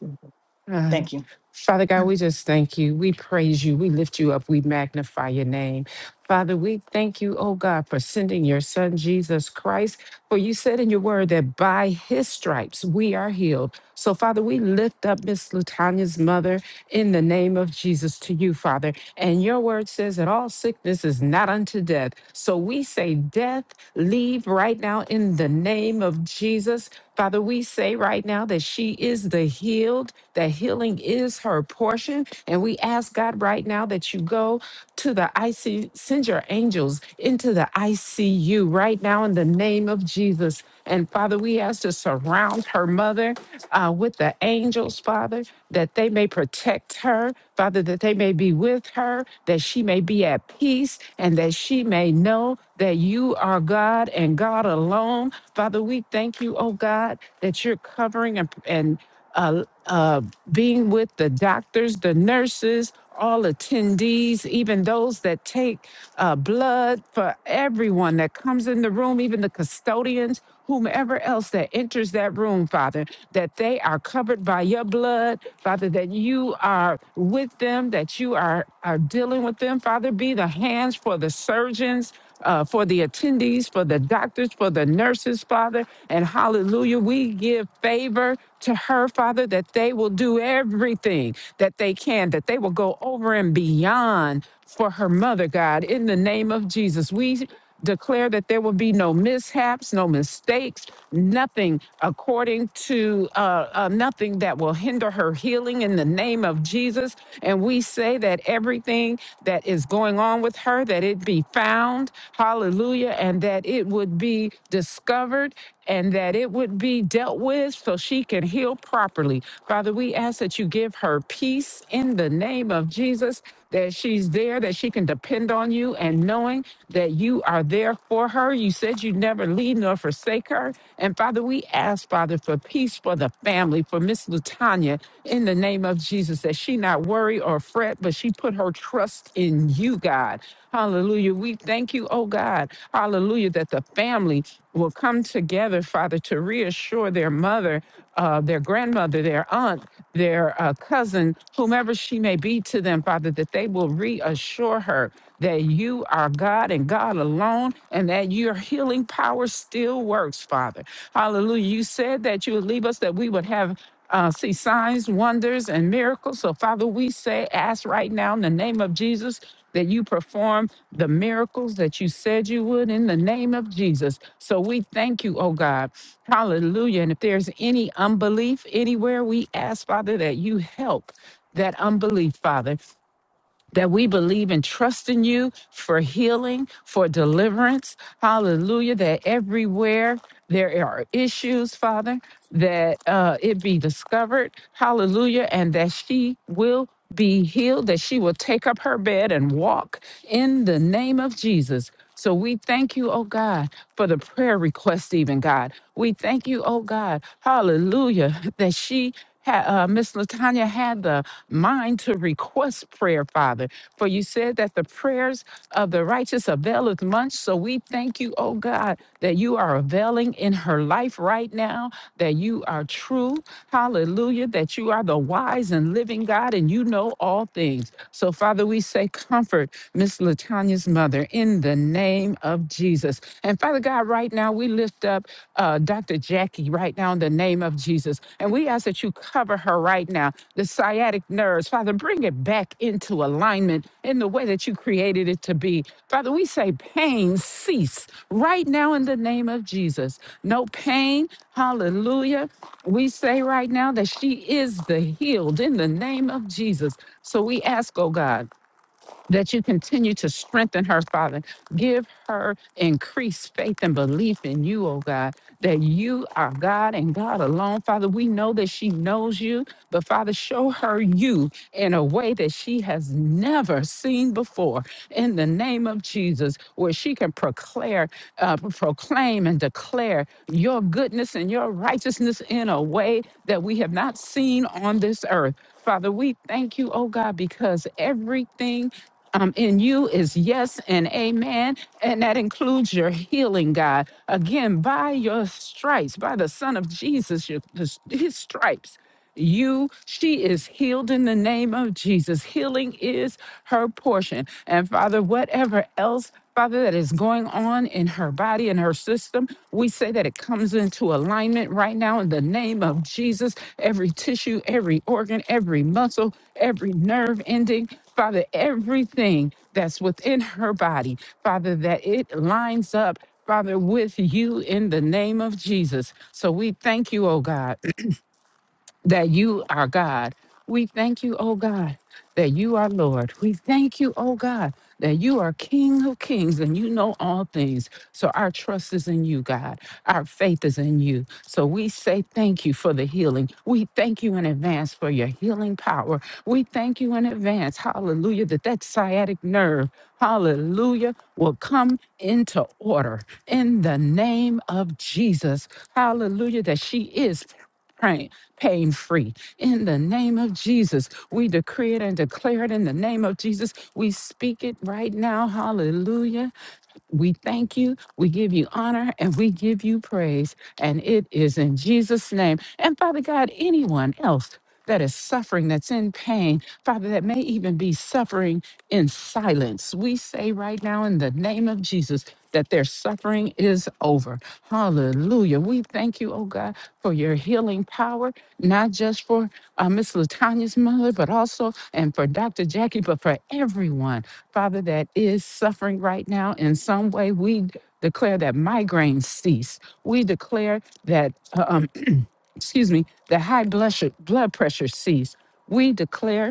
Thank you. Father God, we just thank you. We praise you. We lift you up. We magnify your name. Father, we thank you, oh God, for sending your son, Jesus Christ. For you said in your word that by his stripes we are healed. So, Father, we lift up Miss Latanya's mother in the name of Jesus to you, Father. And your word says that all sickness is not unto death. So we say, Death, leave right now in the name of Jesus. Father, we say right now that she is the healed that healing is her portion. And we ask God right now that you go to the IC, send your angels into the ICU right now in the name of Jesus. And Father, we ask to surround her mother uh, with the angels, Father, that they may protect her, Father, that they may be with her, that she may be at peace, and that she may know that you are God and God alone. Father, we thank you, oh God, that you're covering and, and uh, uh, being with the doctors, the nurses, all attendees, even those that take uh, blood for everyone that comes in the room, even the custodians, whomever else that enters that room, Father, that they are covered by your blood, Father, that you are with them, that you are, are dealing with them, Father. Be the hands for the surgeons uh, for the attendees, for the doctors, for the nurses, Father. And hallelujah, we give favor to her, Father, that they will do everything that they can, that they will go over and beyond for her mother, God. In the name of Jesus, we declare that there will be no mishaps, no mistakes, nothing according to uh, uh, nothing that will hinder her healing in the name of Jesus. And we say that everything that is going on with her, that it be found, hallelujah, and that it would be discovered and that it would be dealt with so she can heal properly. Father, we ask that you give her peace in the name of Jesus, that she's there, that she can depend depend on you and knowing that you are there for her. You said you'd never leave nor forsake her. And Father, we ask, Father, for peace for the family, for Miss Latanya, in the name of Jesus, that she not worry or fret, but she put her trust in you, God. Hallelujah. We thank you, oh God. Hallelujah, that the family will come together, Father, to reassure their mother uh, their grandmother, their aunt, their uh, cousin, whomever she may be to them, Father, that they will reassure her that you are God and God alone and that your healing power still works, Father. Hallelujah. You said that you would leave us that we would have uh, see signs, wonders, and miracles. So, Father, we say, ask right now in the name of Jesus that you perform the miracles that you said you would in the name of Jesus. So, we thank you, oh God. Hallelujah. And if there's any unbelief anywhere, we ask, Father, that you help that unbelief, Father that we believe and trust in you for healing, for deliverance. Hallelujah. That everywhere there are issues, Father, that uh, it be discovered. Hallelujah. And that she will be healed, that she will take up her bed and walk in the name of Jesus. So we thank you, oh God, for the prayer request, even God. We thank you, oh God, hallelujah, [laughs] that she, ha- uh, Miss Latanya had the mind to request prayer, Father. For you said that the prayers of the righteous availeth much. So we thank you, oh God, that you are availing in her life right now, that you are true. Hallelujah. That you are the wise and living God and you know all things. So, Father, we say, comfort Miss Latanya's mother in the name of Jesus. And Father God, right now we lift up uh, Dr. Jackie right now in the name of Jesus. And we ask that you cover her right now, the sciatic nerves. Father, bring it back into alignment in the way that you created it to be. Father, we say pain cease right now in the name of Jesus. No pain. Hallelujah. We say right now that she is the healed in the name of Jesus. So we ask, oh God that you continue to strengthen her, Father. Give her increased faith and belief in you, oh God, that you are God and God alone. Father, we know that she knows you, but Father, show her you in a way that she has never seen before. In the name of Jesus, where she can proclaim, uh, proclaim and declare your goodness and your righteousness in a way that we have not seen on this earth. Father, we thank you, oh God, because everything um, in you is yes and amen. And that includes your healing, God. Again, by your stripes, by the Son of Jesus, your, his his stripes, you, she is healed in the name of Jesus. Healing is her portion. And Father, whatever else, Father, that is going on in her body and her system, we say that it comes into alignment right now in the name of Jesus. Every tissue, every organ, every muscle, every nerve ending. Father, everything that's within her body, Father, that it lines up, Father, with you in the name of Jesus. So we thank you, oh God that you are God. We thank you, O God, that you are Lord. We thank you, O God, that you are King of kings and you know all things. So our trust is in you, God. Our faith is in you. So we say thank you for the healing. We thank you in advance for your healing power. We thank you in advance, hallelujah, that that sciatic nerve, hallelujah, will come into order in the name of Jesus. Hallelujah, that she is praying pain free. In the name of Jesus, we decree it and declare it in the name of Jesus. We speak it right now. Hallelujah. We thank you, we give you honor, and we give you praise. And it is in Jesus' name. And Father God, anyone else that is suffering, that's in pain, Father, that may even be suffering in silence, we say right now in the name of Jesus that their suffering is over. Hallelujah. We thank you, oh God, for your healing power, not just for uh, Miss Latanya's mother, but also and for Dr. Jackie, but for everyone Father, that is suffering right now in some way. We declare that migraines cease. We declare that, uh, um, [clears throat] excuse me, the high blood, blood pressure cease. We declare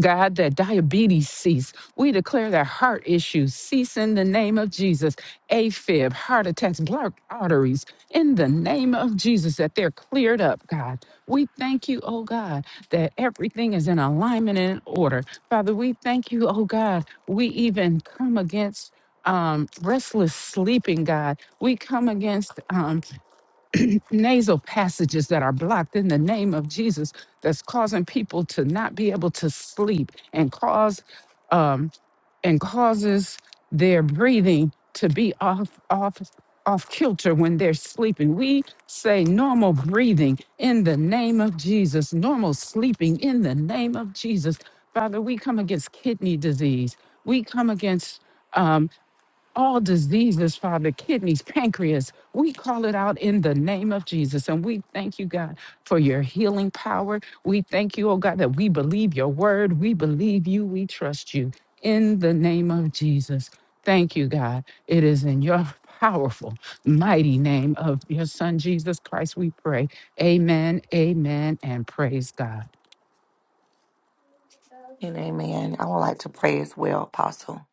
God, that diabetes cease. We declare that heart issues cease in the name of Jesus. AFib, heart attacks, blocked arteries, in the name of Jesus, that they're cleared up, God. We thank you, oh God, that everything is in alignment and in order. Father, we thank you, oh God. We even come against um, restless sleeping, God. We come against um, nasal passages that are blocked in the name of Jesus that's causing people to not be able to sleep and cause um and causes their breathing to be off off off kilter when they're sleeping. We say normal breathing in the name of Jesus, normal sleeping in the name of Jesus. Father, we come against kidney disease. We come against um, all diseases, Father, kidneys, pancreas. We call it out in the name of Jesus. And we thank you, God, for your healing power. We thank you, oh God, that we believe your word. We believe you. We trust you in the name of Jesus. Thank you, God. It is in your powerful, mighty name of your son, Jesus Christ, we pray. Amen, amen, and praise God. And amen. I would like to pray as well, Apostle.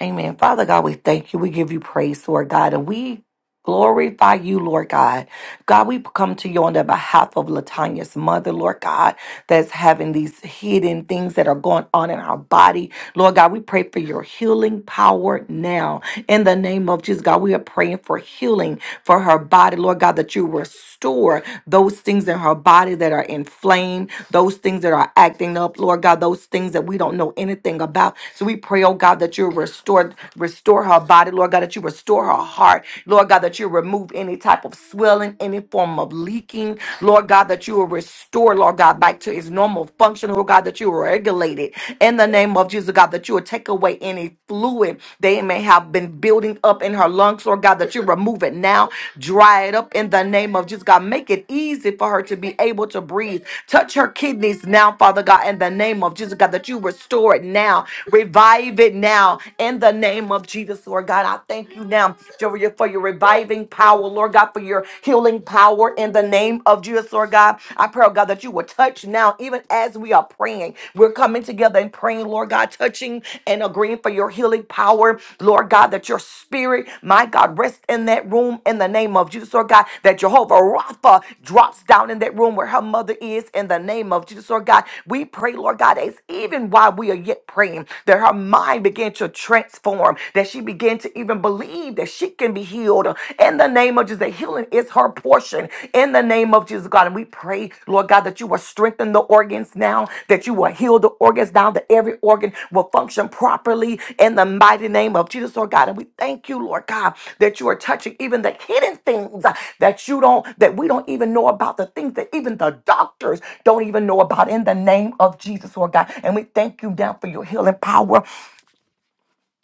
Amen. Father God, we thank you. We give you praise, Lord God. And we glorify you, Lord God. God, we come to you on the behalf of Latanya's mother, Lord God, that's having these hidden things that are going on in our body. Lord God, we pray for your healing power now. In the name of Jesus, God, we are praying for healing for her body, Lord God, that you restore those things in her body that are inflamed, those things that are acting up, Lord God, those things that we don't know anything about. So we pray, oh God, that you restore restore her body, Lord God, that you restore her her heart. Lord God, that you remove any type of swelling, any form of leaking. Lord God, that you will restore, Lord God, back to its normal function. Lord God, that you will regulate it in the name of Jesus, God, that you will take away any fluid they may have been building up in her lungs, Lord God, that you remove it now, dry it up in the name of Jesus, God. Make it easy for her to be able to breathe. Touch her kidneys now, Father God, in the name of Jesus, God, that you restore it now, revive it now, in the name of Jesus, Lord. Lord God. I thank you now, Jehovah, for your reviving power, Lord God, for your healing power in the name of Jesus, Lord God. I pray, oh God, that you will touch now, even as we are praying. We're coming together and praying, Lord God, touching and agreeing for your healing power, Lord God, that your spirit, my God, rest in that room in the name of Jesus, Lord God, that Jehovah Rapha drops down in that room where her mother is in the name of Jesus, Lord God. We pray, Lord God, as even while we are yet praying, that her mind began to transform transformed, that she begin to even believe that she can be healed in the name of Jesus. That healing is her portion in the name of Jesus, God. And we pray, Lord God, that you will strengthen the organs now, that you will heal the organs now, that every organ will function properly in the mighty name of Jesus, Lord God. And we thank you, Lord God, that you are touching even the hidden things uh, that you don't, that we don't even know about, the things that even the doctors don't even know about in the name of Jesus, Lord God. And we thank you now for your healing power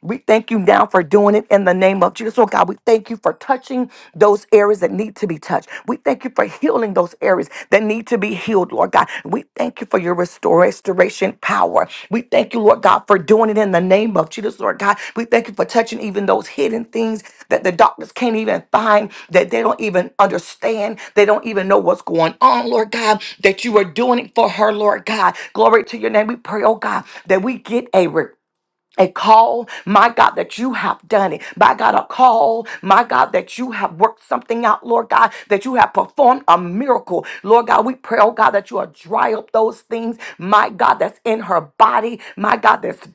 we thank you now for doing it in the name of Jesus. Oh God, we thank you for touching those areas that need to be touched. We thank you for healing those areas that need to be healed, Lord God. We thank you for your restore, restoration power. We thank you, Lord God, for doing it in the name of Jesus, Lord God. We thank you for touching even those hidden things that the doctors can't even find, that they don't even understand. They don't even know what's going on, Lord God, that you are doing it for her, Lord God. Glory to your name. We pray, oh God, that we get a report a call, my God, that you have done it. My God, a call, my God, that you have worked something out, Lord God, that you have performed a miracle. Lord God, we pray, oh God, that you are dry up those things, my God, that's in her body, my God, that's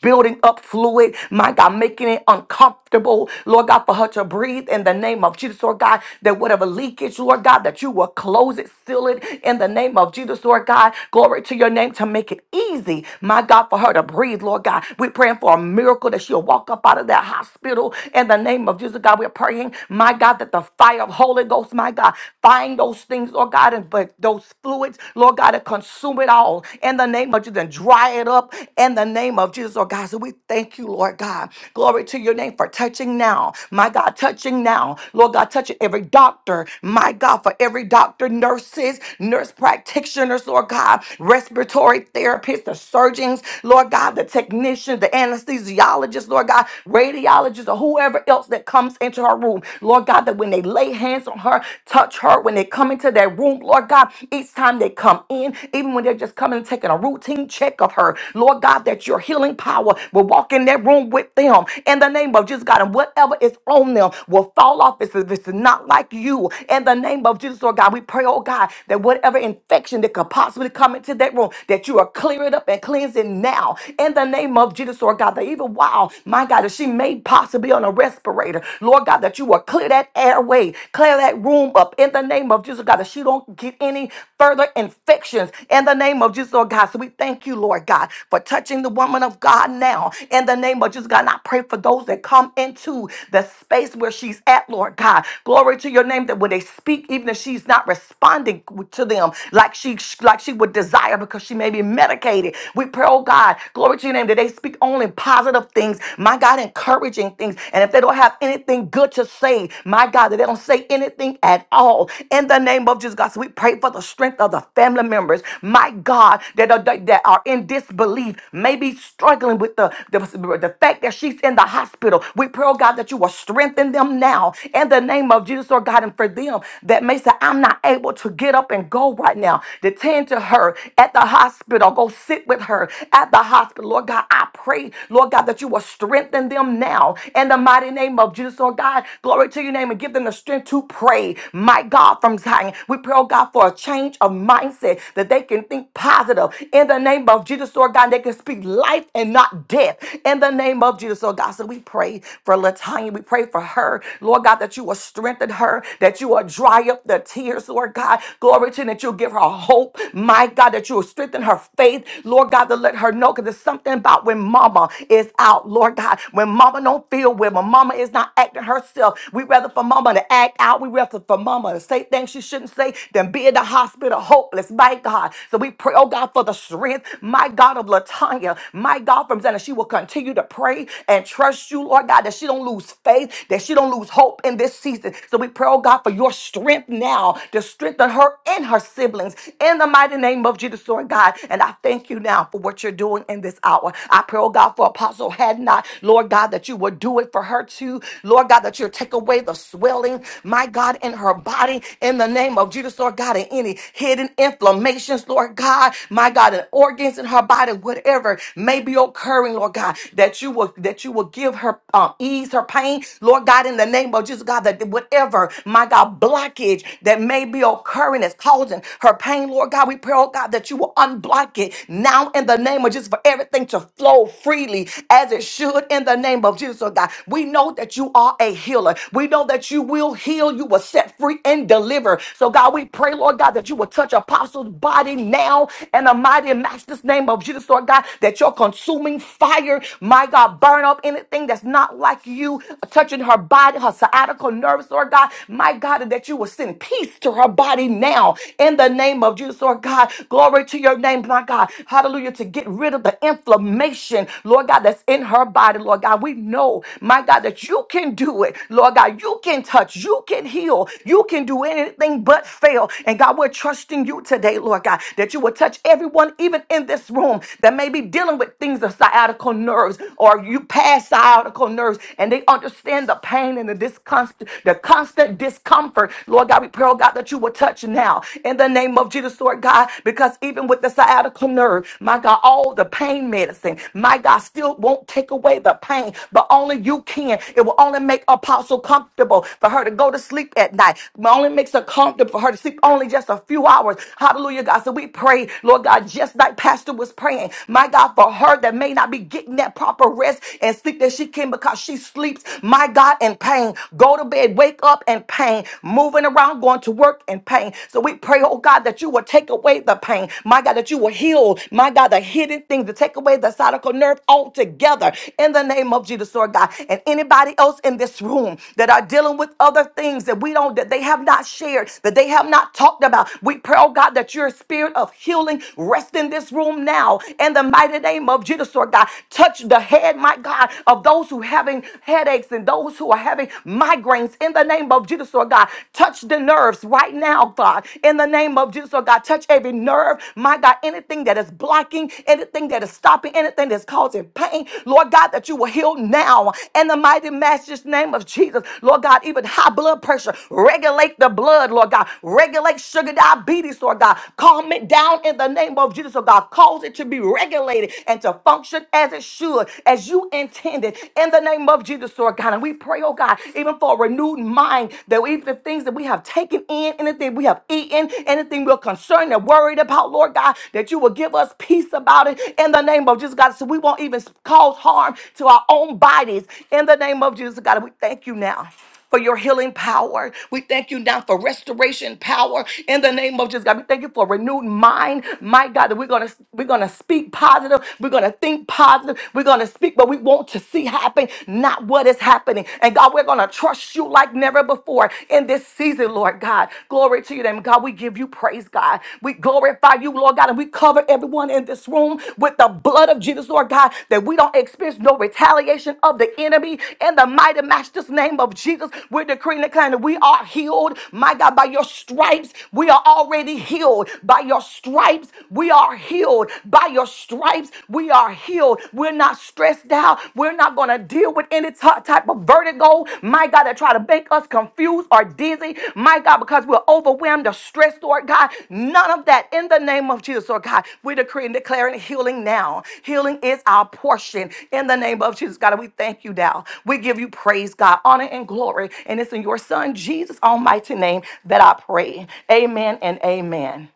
building up fluid, my God, making it uncomfortable, Lord God, for her to breathe in the name of Jesus, Lord God, that whatever leakage, Lord God, that you will close it, seal it in the name of Jesus, Lord God. Glory to your name to make it easy, my God, for her to to breathe, Lord God. We're praying for a miracle that she'll walk up out of that hospital in the name of Jesus, God. We're praying, my God, that the fire of Holy Ghost, my God, find those things, Lord God, and but those fluids, Lord God, to consume it all in the name of Jesus and dry it up in the name of Jesus, Lord God. So we thank you, Lord God. Glory to your name for touching now, my God, touching now, Lord God, touching every doctor, my God, for every doctor, nurses, nurse practitioners, Lord God, respiratory therapists, the surgeons, Lord God, the technicians, the anesthesiologists, Lord God, radiologists, or whoever else that comes into her room. Lord God, that when they lay hands on her, touch her, when they come into that room, Lord God, each time they come in, even when they're just coming and taking a routine check of her, Lord God, that your healing power will walk in that room with them in the name of Jesus, God, and whatever is on them will fall off if it's if it's not like you. In the name of Jesus, Lord God, we pray, oh God, that whatever infection that could possibly come into that room, bedroom, that you are clearing up and cleansing now in the name of Jesus, Lord God. That even while, my God, that she may possibly on a respirator, Lord God, that you will clear that airway, clear that room up in the name of Jesus, God, that she don't get any further infections in the name of Jesus, Lord God. So we thank you, Lord God, for touching the woman of God now in the name of Jesus, God. And I pray for those that come into the space where she's at, Lord God. Glory to your name that when they speak, even if she's not responding to them like she should she like she would desire because she may be medicated. We pray, oh God, glory to your name, that they speak only positive things, my God, encouraging things. And if they don't have anything good to say, my God, that they don't say anything at all. In the name of Jesus, God, so we pray for the strength of the family members, my God, that are, that that are in disbelief, maybe struggling with the, the, the fact that she's in the hospital. We pray, oh God, that you will strengthen them now in the name of Jesus, or God, and for them that may say, I'm not able to get up up and go right now to tend to her at the hospital. Go sit with her at the hospital. Lord God, I pray, Lord God, that you will strengthen them now in the mighty name of Jesus. Lord God, glory to your name and give them the strength to pray. My God, from Zion, we pray, oh God, for a change of mindset that they can think positive in the name of Jesus. Lord God, they can speak life and not death in the name of Jesus. Lord God, so we pray for Latanya. We pray for her, Lord God, that you will strengthen her, that you will dry up the tears tears, Lord God. Glory to you, that you'll give her hope, my God, that you'll strengthen her faith, Lord God, to let her know because there's something about when mama is out, Lord God, when mama don't feel well, when mama is not acting herself. We rather for mama to act out, we rather for mama to say things she shouldn't say than be in the hospital hopeless, my God. So we pray, oh God, for the strength, my God, of Latanya, my God, from Zana. She will continue to pray and trust you, Lord God, that she don't lose faith, that she don't lose hope in this season. So we pray, oh God. God, for your strength now to strengthen her and her siblings in the mighty name of Jesus, Lord God. And I thank you now for what you're doing in this hour. I pray, oh God, for Apostle Had Not, Lord God, that you would do it for her too. Lord God, that you'll take away the swelling, my God, in her body in the name of Jesus, Lord God, and any hidden inflammations, Lord God, my God, and organs in her body, whatever may be occurring, Lord God, that you will that you will give her um, ease her pain, Lord God, in the name of Jesus, God, God, that whatever, my God, blockage that may be occurring is causing her pain, Lord God, we pray, oh God, that you will unblock it now in the name of Jesus for everything to flow freely as it should in the name of Jesus, oh God. We know that you are a healer. We know that you will heal, you will set free and deliver. So, God, we pray, Lord God, that you will touch Apostle's body now in the mighty and master's name of Jesus, Lord God, that your consuming fire, my God, burn up anything that's not like you, touching her her body, her sciatical nerves, Lord God. My God, and that you will send peace to her body now in the name of Jesus, Lord God. Glory to your name, my God. Hallelujah. To get rid of the inflammation, Lord God, that's in her body, Lord God. We know, my God, that you can do it, Lord God. You can touch, you can heal, you can do anything but fail. And God, we're trusting you today, Lord God, that you will touch everyone, even in this room, that may be dealing with things of sciatical nerves or you past sciatical nerves church and they understand the pain and the discomfort, the constant discomfort. Lord God, we pray, oh God, that you will touch now in the name of Jesus, Lord God, because even with the sciatica nerve, my God, all the pain medicine, my God, still won't take away the pain, but only you can. It will only make Apostle comfortable for her to go to sleep at night. It only makes her comfortable for her to sleep only just a few hours. Hallelujah, God. So we pray, Lord God, just like Pastor was praying, my God, for her that may not be getting that proper rest and sleep that she can because she sleeps, my God, in pain. Go to bed, wake up in pain, moving around, going to work in pain. So we pray, oh God, that you will take away the pain. My God, that you will heal, my God, the hidden things, to take away the sciatic nerve altogether in the name of Jesus, Lord God. And anybody else in this room that are dealing with other things that we don't, that they have not shared, that they have not talked about, we pray, oh God, that your spirit of healing rest in this room now in the mighty name of Jesus, Lord God. Touch the head, my God, of those who having headaches and those who are having migraines in the name of Jesus, Lord God. Touch the nerves right now, God, in the name of Jesus, Lord God. Touch every nerve, my God, anything that is blocking, anything that is stopping, anything that's causing pain, Lord God, that you will heal now in the mighty master's name of Jesus, Lord God. Even high blood pressure, regulate the blood, Lord God. Regulate sugar diabetes, Lord God. Calm it down in the name of Jesus, Lord God. Cause it to be regulated and to function as it should, as you intended. In the name of Jesus, Lord God. And we pray, oh God, even for a renewed mind that even the things that we have taken in, anything we have eaten, anything we're concerned and worried about, Lord God, that you will give us peace about it in the name of Jesus, God. So we won't even cause harm to our own bodies in the name of Jesus, God. And we thank you now for your healing power. We thank you now for restoration power in the name of Jesus. God, we thank you for a renewed mind. My God, that we're gonna we're gonna speak positive, we're gonna think positive, we're gonna speak what we want to see happen, not what is happening. And God, we're gonna trust you like never before in this season, Lord God. Glory to you, name. God, we give you praise, God. We glorify you, Lord God, and we we cover everyone in this room with the blood of Jesus, Lord God, that we don't experience no retaliation of the enemy. In the mighty master's name of Jesus, we're decreeing and declaring that we are healed. My God, by your stripes, we are already healed. By your stripes, we are healed. By your stripes, we are healed. We're not stressed out. We're not going to deal with any ty- type of vertigo, my God, that try to make us confused or dizzy, my God, because we're overwhelmed or stressed, Lord God. None of that in the name of Jesus, Lord God. We decree and declaring healing now. Healing is our portion in the name of Jesus, God. And we thank you now. We give you praise, God, honor and glory. And it's in your Son, Jesus' almighty name, that I pray. Amen and amen.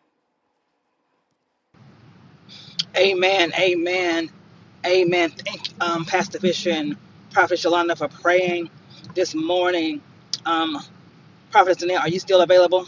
Amen. Amen. Amen. Thank um, Pastor Fisher and Prophet Shalanda for praying this morning. Um, Prophet Zanette, are you still available?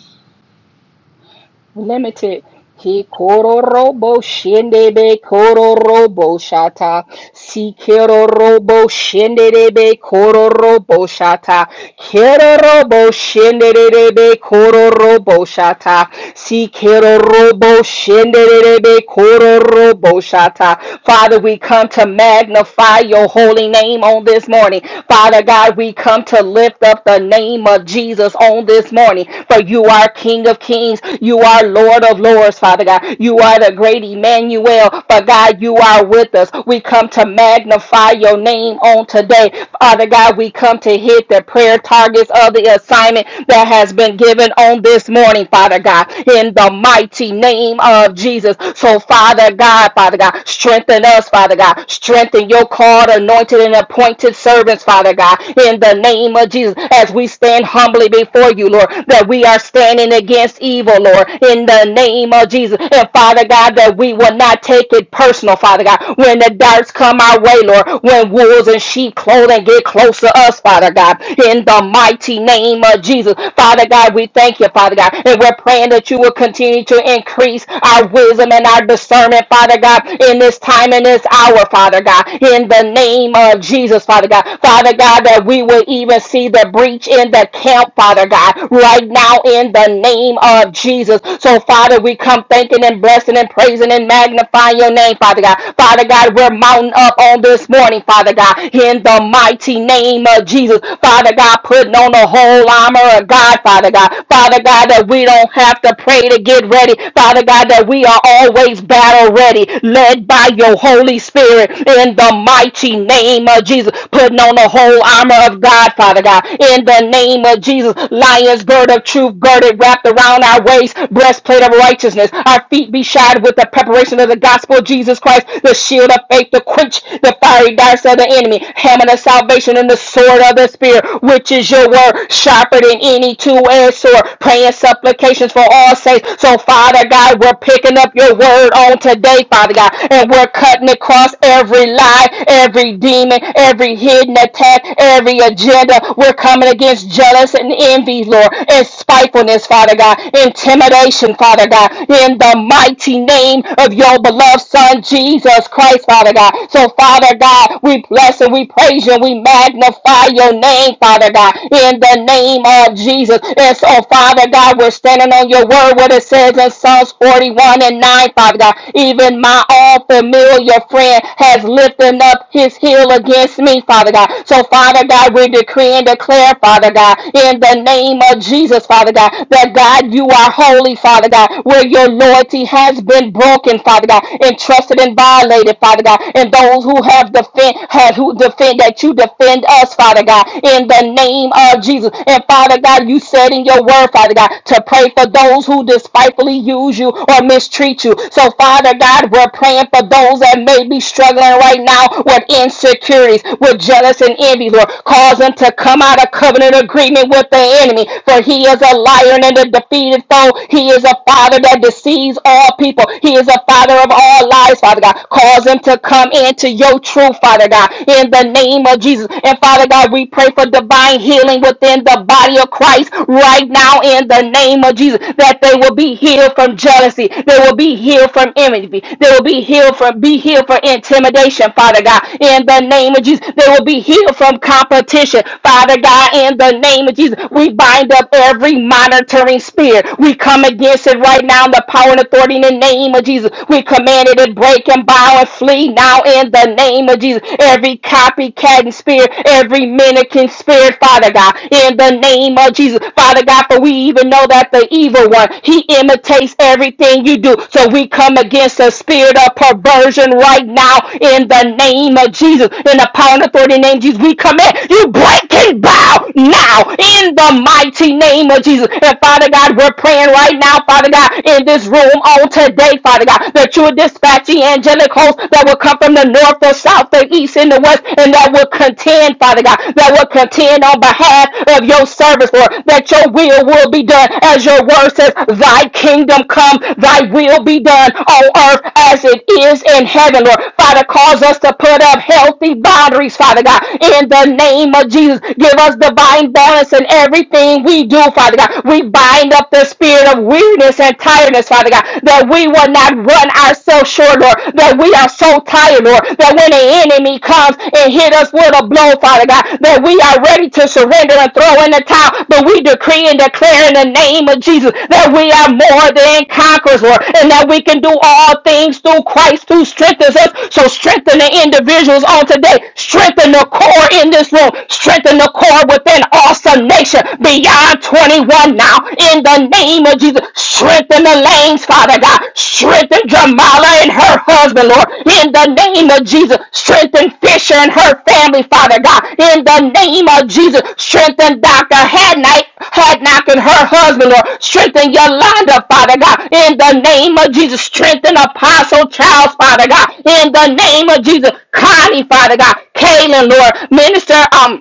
limited. He kororobo shindebe kororobo shata. Si kerorobo shindebe kororobo shata. Kerorobo shindebe kororobo shata. Si kerorobo shindebe kororobo shata. Father, we come to magnify your holy name on this morning. Father God, we come to lift up the name of Jesus on this morning. For you are King of Kings, you are Lord of Lords, Father God. You are the great Emmanuel, but God, you are with us. We come to magnify your name on today. Father God, we come to hit the prayer targets of the assignment that has been given on this morning, Father God, in the mighty name of Jesus. So, Father God, Father God, strengthen us, Father God. Strengthen your called, anointed, and appointed servants, Father God, in the name of Jesus, as we stand humbly before you, Lord, that we are standing against against evil, Lord, in the name of Jesus. And Father God, that we will not take it personal, Father God, when the darts come our way, Lord, when wolves and sheep clothing get close to us, Father God, in the mighty name of Jesus. Father God, we thank you, Father God, and we're praying that you will continue to increase our wisdom and our discernment, Father God, in this time and this hour, Father God, in the name of Jesus, Father God. Father God, that we will even see the breach in the camp, Father God, right now in the name of Jesus. So, Father, we come thanking and blessing and praising and magnifying your name, Father God. Father God, we're mounting up on this morning, Father God, in the mighty name of Jesus. Father God, putting on the whole armor of God, Father God. Father God, that we don't have to pray to get ready. Father God, that we are always battle ready, led by your Holy Spirit in the mighty name of Jesus. Putting on the whole armor of God, Father God, in the name of Jesus. Lion's bird of truth truth girded, wrapped around our waist, breastplate of righteousness. Our feet be shod with the preparation of the gospel of Jesus Christ, the shield of faith to quench the fiery darts of the enemy, hammer of salvation, and the sword of the Spirit, which is your word, sharper than any two-edged sword, praying supplications for all saints. So, Father God, we're picking up your word on today, Father God, and we're cutting across every lie, every demon, every hidden attack, every agenda. We're coming against jealous and envy, Lord, and and spitefulness, Father God, intimidation, Father God, in the mighty name of your beloved Son, Jesus Christ, Father God. So, Father God, we bless and we praise you and we magnify your name, Father God, in the name of Jesus. And so, Father God, we're standing on your word, what it says in Psalms 41 and 9, Father God. Even my all familiar friend has lifted up his heel against me, Father God. So, Father God, we decree and declare, Father God, in the name of of Jesus, Father God, that God, you are holy, Father God, where your loyalty has been broken, Father God, entrusted and violated, Father God, and those who have defend, have who defend that you defend us, Father God, in the name of Jesus. And Father God, you said in your word, Father God, to pray for those who despitefully use you or mistreat you. So, Father God, we're praying for those that may be struggling right now with insecurities, with jealous and envy, Lord. Cause them to come out of covenant agreement with the the enemy, for he is a lion and a defeated foe. He is a father that deceives all people. He is a father of all lies, Father God. Cause him to come into your truth, Father God, in the name of Jesus. And Father God, we pray for divine healing within the body of Christ right now in the name of Jesus, that they will be healed from jealousy. They will be healed from envy. They will be healed from be healed from intimidation, Father God, in the name of Jesus. They will be healed from competition, Father God, in the name of name of Jesus. We bind up every monitoring spirit. We come against it right now in the power and authority in the name of Jesus. We command it to break and bow and flee now in the name of Jesus. Every copycat spirit, every mimicking spirit, Father God, in the name of Jesus. Father God, for we even know that the evil one, he imitates everything you do. So we come against the spirit of perversion right now in the name of Jesus. In the power and authority in the name of Jesus, we command you break and bow now now in the mighty name of Jesus. And Father God, we're praying right now, Father God, in this room on today, Father God, that you would dispatch the angelic hosts that will come from the north, the south, the east, and the west, and that will contend, Father God, that will contend on behalf of your service, Lord, that your will will be done as your word says, Thy kingdom come, thy will be done on earth as it is in heaven, Lord. Father, cause us to put up healthy boundaries, Father God, in the name of Jesus. Give us God's divine balance in everything we do, Father God. We bind up the spirit of weariness and tiredness, Father God, that we will not run ourselves short, Lord, that we are so tired, Lord, that when the enemy comes and hit us with a blow, Father God, that we are ready to surrender and throw in the towel, but we decree and declare in the name of Jesus that we are more than conquerors, Lord, and that we can do all things through Christ who strengthens us. So strengthen the individuals on today. Strengthen the core in this room. Strengthen the in accord with an awesome nation beyond 21 now. In the name of Jesus, strengthen the lanes, Father God. Strengthen Jamala and her husband, Lord. In the name of Jesus, strengthen Fisher and her family, Father God. In the name of Jesus, strengthen Dr. Hadnight, Hadnock and her husband, Lord. Strengthen Yolanda, Father God. In the name of Jesus, strengthen Apostle Charles, Father God. In the name of Jesus, Connie, Father God. Kaylin, Lord. Minister, um,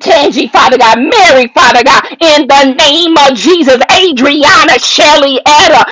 Tangy, Father God, Mary, Father God, in the name of Jesus, Adriana, Shelley, Etta,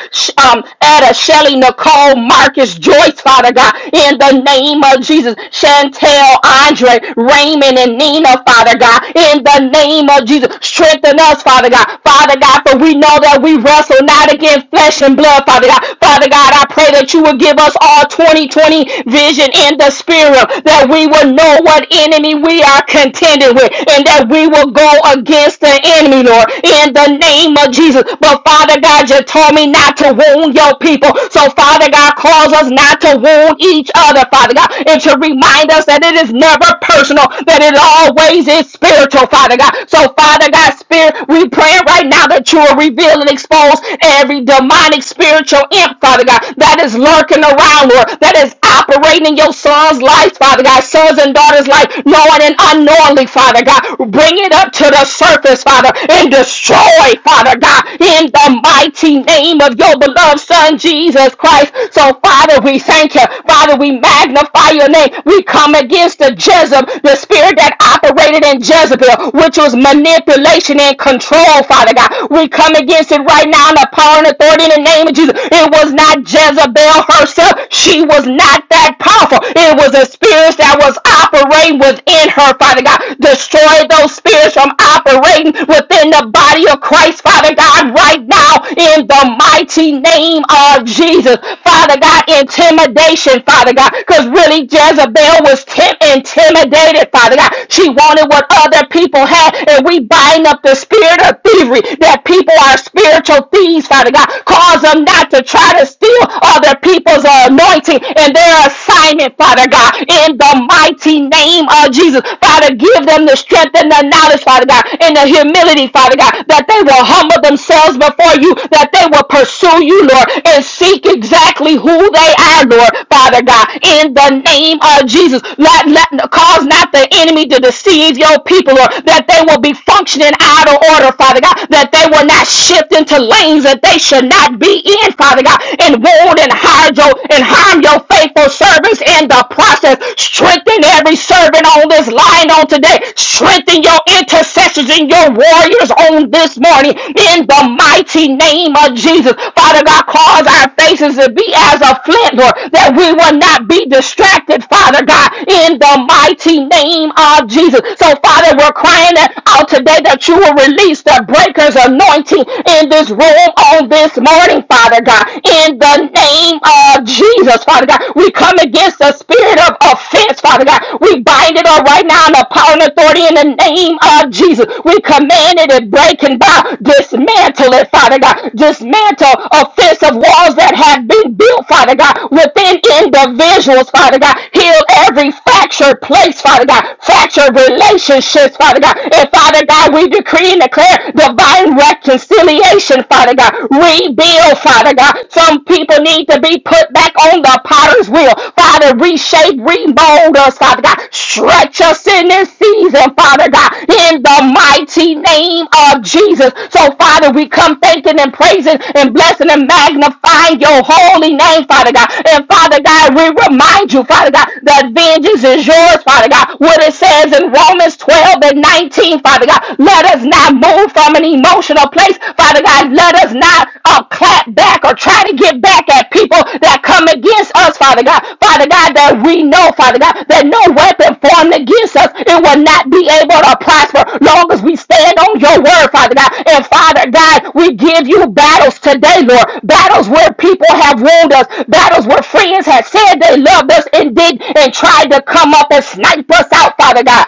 um, Etta, Shelley, Nicole, Marcus, Joyce, Father God, in the name of Jesus, Chantel, Andre, Raymond, and Nina, Father God, in the name of Jesus, strengthen us, Father God, Father God, for we know that we wrestle not against flesh and blood, Father God, Father God, I pray that you will give us all 2020 vision in the spirit, that we will will know what enemy we are contending with and that we will go against the enemy, Lord, in the name of Jesus. But Father God, you told me not to wound your people. So Father God, cause us not to wound each other, Father God, and to remind us that it is never personal, that it always is spiritual, Father God. So Father God, Spirit, we pray right now that you will reveal and expose every demonic spiritual imp, Father God, that is lurking around, Lord, that is operating in your son's life, Father God, sons and daughters' life, knowing and unknowingly, Father God. Bring it up to the surface, Father, and destroy, Father God, in the mighty name of your beloved Son, Jesus Christ. So, Father, we thank you. Father, we magnify your name. We come against the Jezebel, the spirit that operated in Jezebel, which was manipulation and control, Father God. We come against it right now in the power and authority in the name of Jesus. It was not Jezebel herself. She was not that powerful. It was a spirit that was operating within her, Father God. Destroy those spirits from operating within the body of Christ, Father God, right now in the mighty name of Jesus. Father God, intimidation, Father God, because really Jezebel was tim- intimidated, Father God. She wanted what other people had, and we bind up the spirit of thievery that people people are spiritual thieves, Father God. Cause them not to try to steal other people's uh, anointing and their assignment, Father God. In the mighty name of Jesus, Father, give them the strength and the knowledge, Father God, and the humility, Father God, that they will humble themselves before you, that they will pursue you, Lord, and seek exactly who they are, Lord, Father God. In the name of Jesus, let, let cause not the enemy to deceive your people, Lord, that they will will be functioning out of order, Father God, that they will not shift into lanes that they should not be in, Father God, and wound and hide your and harm your faithful servants in the process. Strengthen every servant on this line on today. Strengthen your intercessors and your warriors on this morning in the mighty name of Jesus. Father God, cause our faces to be as a flint, Lord, that we will not be distracted, Father God, in the mighty name of Jesus. So, Father, we're crying out today that you will release the breaker's anointing in this room on this morning, Father God. In the name of Jesus, Father God, we come against the spirit of offense, Father God. We bind it up right now in the power and authority in the name of Jesus. We command it and break and bow. Dismantle it, Father God. Dismantle offensive walls that have been built, Father God, within individuals souls, Father God. Heal every fractured place, Father God. Fractured relationships, Father God. And Father God, we decree and declare divine reconciliation, Father God. Rebuild, Father God. Some people need to be put back on the potter's wheel. Father, reshape, remold us, Father God. Stretch us in this season, Father God, in the mighty name of Jesus. So, Father, we come thanking and praising and blessing and magnifying your holy name, Father God. And Father God, we remind you, Father God, that vengeance is yours, Father God. What it says in Romans 12 and 19, Father God, let us not move from an emotional place, Father God. Let us not uh, clap back or try to get back at people that come against us, Father God. Father God, that we know, Father God, that no weapon formed against us, it will not be able to prosper long as we stand on your word, Father God. And Father God, we give you battles today, Lord. Battles where people have wounded us. Battles where friends had said they loved us and did and tried to come up and snipe us out, Father God.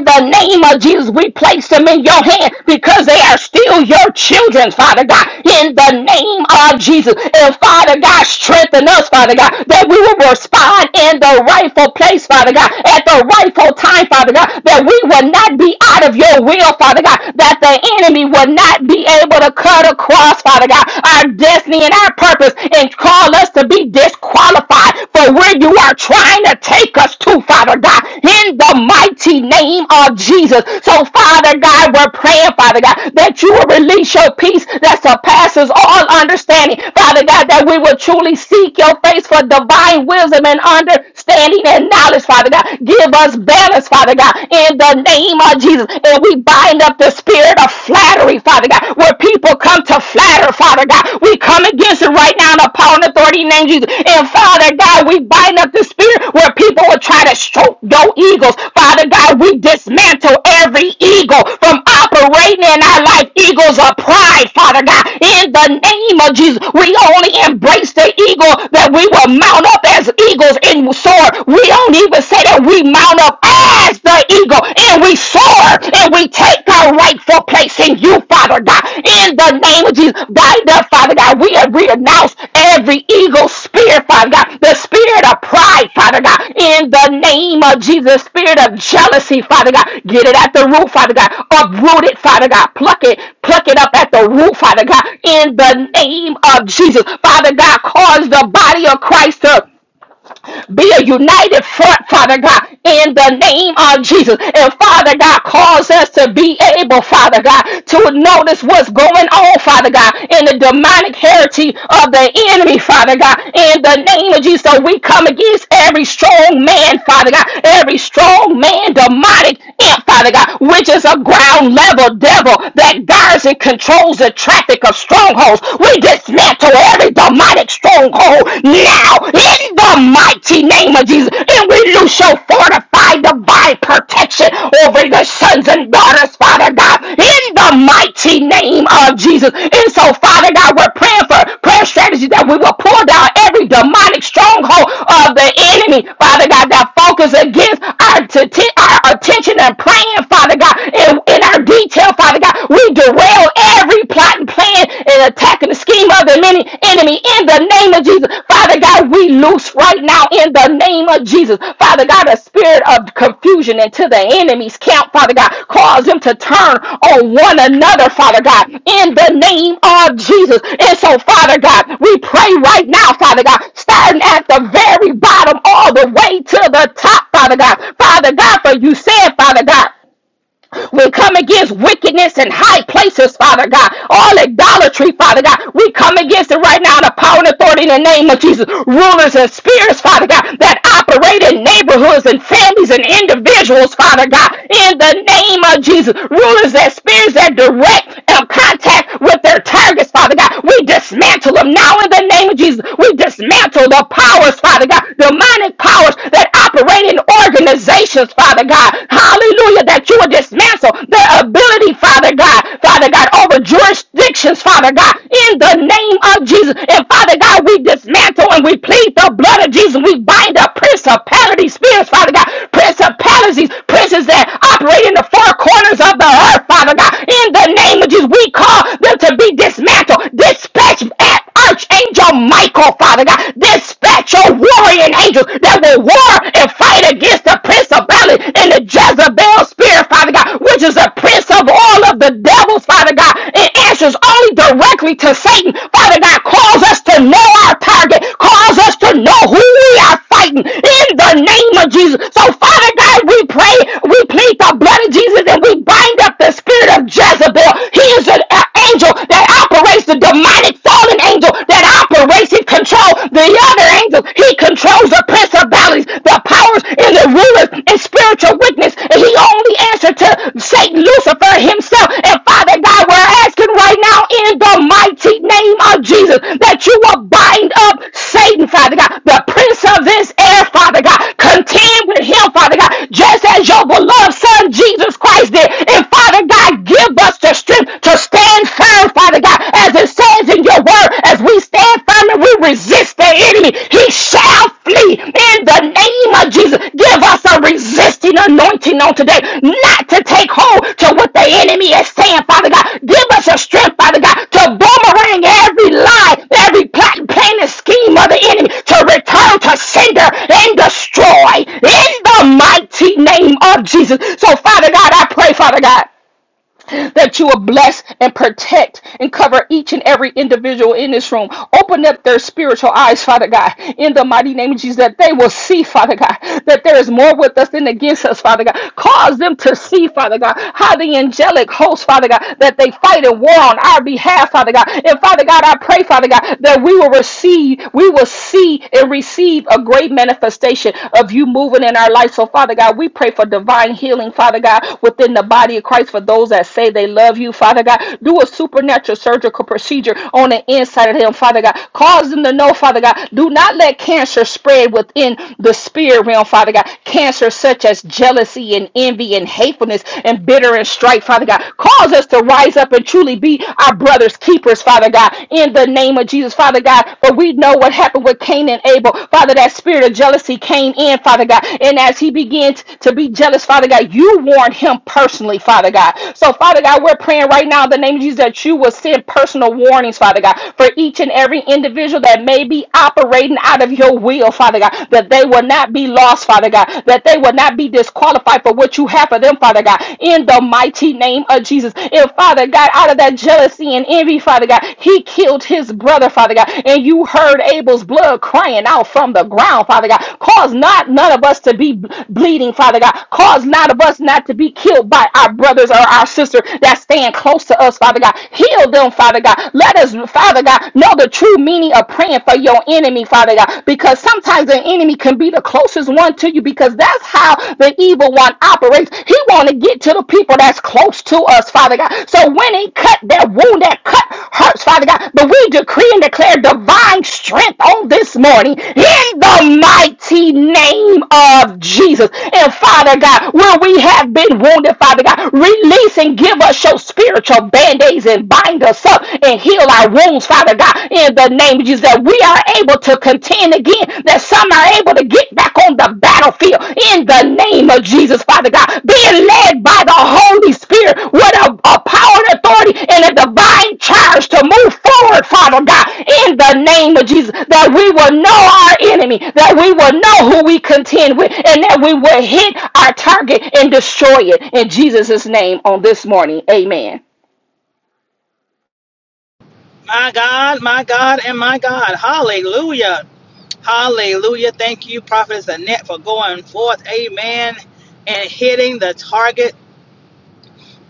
The name place them in your hand because they are still your children, Father God. In the name of Jesus. And Father God, strengthen us, Father God, that we will respond in the rightful place, Father God, at the rightful time, Father God, that we will not be out of your will, Father God, that the enemy will not be able to cut across, Father God, our destiny and our purpose and call us to be disqualified for where you are trying to take us to, Father God, in the mighty name of Jesus. So, Father God, we're praying, Father God, that you will release your peace that surpasses all understanding understanding, Father God, that we will truly seek your face for divine wisdom and understanding and knowledge, Father God. Give us balance, Father God, in the name of Jesus. And we bind up the spirit of flattery, Father God, where people come to flatter, Father God. We come against it right now in the power and authority in the name of Jesus. And Father God, we bind up the spirit where people will try to stroke your eagles. Father God, we dismantle every eagle from operating in our life eagles of pride, Father God. In the name of Jesus, we only embrace the eagle that we will mount up as eagles and soar. We don't even say that we mount up as the eagle and we soar and we take our rightful place in you, Father God. In the name of Jesus, by the Father God, we have renounced every eagle spirit, Father God, the spirit of pride, Father God, in the name of Jesus. Spirit of jealousy, Father God, get it at the root, Father God. Uproot it, Father God. Pluck it, pluck it up at the root, Father God, in the name of Jesus. Father God, cause the body of Christ to be a united front, Father God, in the name of Jesus. And Father God, cause us to be able, Father God, to notice what's going on, Father God, in the demonic heritage of the enemy, Father God, in the name of Jesus. So we come against every strong man, Father God, every strong man, demonic imp, Father God, which is a ground level devil that guards and controls the traffic of strongholds. We dismantle every every demonic stronghold now in the mighty name of Jesus. And we loose your fortified divine protection over the sons and daughters, Father God, in the mighty name of Jesus. And so, Father God, we're praying for prayer strategies that we will pull down every demonic stronghold of the enemy, Father God, that focus against our, t- our attention and praying, Father God, in, in our finer detail, Father God. We derail every plot and plan and attack and the scheme of the many enemy in the name of Jesus. Father God, we loose right now in the name of Jesus. Father God, a spirit of confusion into the enemy's camp, Father God. Cause them to turn on one another, Father God, in the name of Jesus. And so, Father God, we pray right now, Father God, starting at the very bottom all the way to the top, Father God. Father God, for you said, Father God. We come against wickedness in high places, Father God. All idolatry, Father God. We come against it right now in the power and authority in the name of Jesus. Rulers and spirits, Father God, that operate in neighborhoods and families and individuals, Father God. In the name of Jesus. Rulers and spirits that direct and contact with their targets, Father God. We dismantle them now in the name of Jesus. We dismantle the powers, Father God. Demonic powers that operate in organizations accusations, Father God. Hallelujah, that you will dismantle their ability, Father God, Father God, over jurisdictions, Father God, in the name of Jesus. And Father God, we dismantle and we plead the blood of Jesus. We bind up principality spirits, Father God, principalities, princes that operate in the four corners of the earth, Father God. In the name of Jesus, we call them to be dismantled, dispatched at Arch Angel Michael, Father God. Dispatch your warrior angels that will war and fight against the principality and the Jezebel spirit, Father God, which is the prince of all of the devils, Father God. It answers only directly to Satan. Father God, cause us to know our target. Cause us to know who we are fighting in the name of Jesus. So, Father God, we pray, we plead the blood blood of Jesus and we bind up the spirit of Jezebel. He is an uh, angel that operates, the demonic fallen angel that operates. and controls the other angels. He controls the principalities, the powers, and the rulers and spiritual wickedness. And he only answered to Satan, Lucifer himself. And Father God, we're asking right now in the mighty name of Jesus that you will bind up Satan, Father God, the prince prince of this air, Father God. Contend with him, Father God, just as your beloved Son Jesus Christ did. And Father God, give us the strength to stand firm, Father God, as it says in your word, as we stand firm and we resist the enemy, he shall flee in the name of Jesus. Give us a resisting anointing on today, not to take hold to what the enemy is saying, Father God. Give us a strength, Father God, to boomerang every lie, every every plot, plan, and scheme of the enemy to return to sender and destroy in the mighty name of Jesus. So, Father God, I pray, Father God that you will bless and protect and cover each and every individual in this room. Open up their spiritual eyes, Father God, in the mighty name of Jesus, that they will see, Father God, that there is more with us than against us, Father God. Cause them to see, Father God, how the angelic hosts, Father God, that they fight and war on our behalf, Father God. And Father God, I pray, Father God, that we will receive, we will see and receive a great manifestation of you moving in our lives our life. So, Father God, we pray for divine healing, Father God, within the body of Christ for those that say they love you, Father God. Do a supernatural surgical procedure on the inside of them, Father God. Cause them to know, Father God, do not let cancer spread within the spirit realm, Father God. Cancer such as jealousy and envy and hatefulness and bitter and strife, Father God. Cause us to rise up and truly be our brother's keepers, Father God, in the name of Jesus, Father God. But we know what happened with Cain and Abel. Father, that spirit of jealousy came in, Father God. And as he begins to be jealous, Father God, you warned him personally, Father God. So, Father God, we're praying right now in the name of Jesus that you will send personal warnings, Father God, for each and every individual that may be operating out of your will, Father God, that they will not be lost, Father God, that they will not be disqualified for what you have for them, Father God, in the mighty name of Jesus if Father God, out of that jealousy and envy, Father God, he killed his brother, Father God, and you heard Abel's blood crying out from the ground, Father God. Cause not none of us to be b- bleeding, Father God. Cause none of us not to be killed by our brothers or our sisters that stand close to us, Father God. Heal them, Father God. Let us, Father God, know the true meaning of praying for your enemy, Father God, because sometimes the enemy can be the closest one to you because that's that's how the evil one operates. He want to get to the people that's close to us, Father God. So when he cut that wound, that cut hurts, Father God. But we decree and declare divine strength on this morning in the mighty name of Jesus. And Father God, where we have been wounded, Father God, release and give us your spiritual band-aids and bind us up and heal our wounds, Father God, in the name of Jesus that that we are able to contend again, that some are able to get back on the battlefield in the name of Jesus, Father God, being led by the Holy Spirit with a, a power and authority and a divine charge to move forward, Father God, in the name of Jesus, that we will know our enemy, that we will know who we contend with, and that we will hit our target and destroy it in Jesus' name on this morning. Amen. My God, my God, and my God. Hallelujah. Hallelujah. Thank you, Prophetess Annette, for going forth. Amen. And hitting the target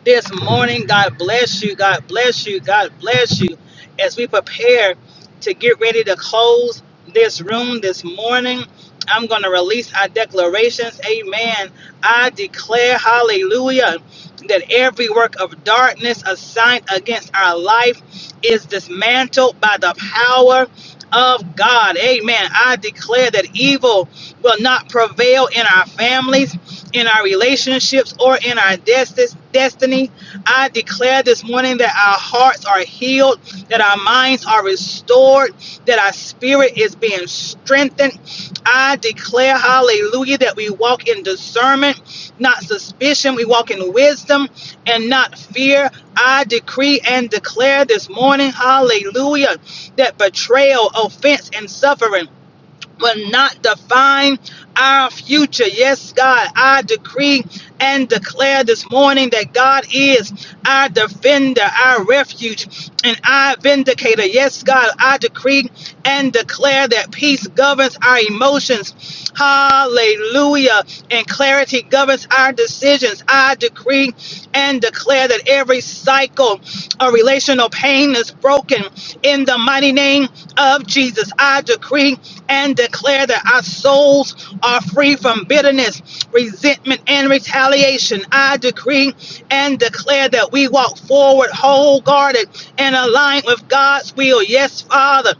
this morning. God bless you. God bless you. God bless you. As we prepare to get ready to close this room this morning, I'm going to release our declarations. Amen. I declare, hallelujah, that every work of darkness assigned against our life is dismantled by the power of God. Amen. I declare that evil will not prevail in our families in our relationships or in our desti- destiny. I declare this morning that our hearts are healed, that our minds are restored, that our spirit is being strengthened. I declare, hallelujah, that we walk in discernment, not suspicion. We walk in wisdom and not fear. I decree and declare this morning, hallelujah, that betrayal, offense, and suffering will not define our future. Yes, God, I decree and declare this morning that God is our defender, our refuge, and our vindicator. Yes, God, I decree and declare that peace governs our emotions. Hallelujah. And clarity governs our decisions. I decree and declare that every cycle a relational pain is broken in the mighty name of Jesus. I decree and declare that our souls are free from bitterness, resentment, and retaliation. I decree and declare that we walk forward whole guarded and aligned with God's will. Yes, Father.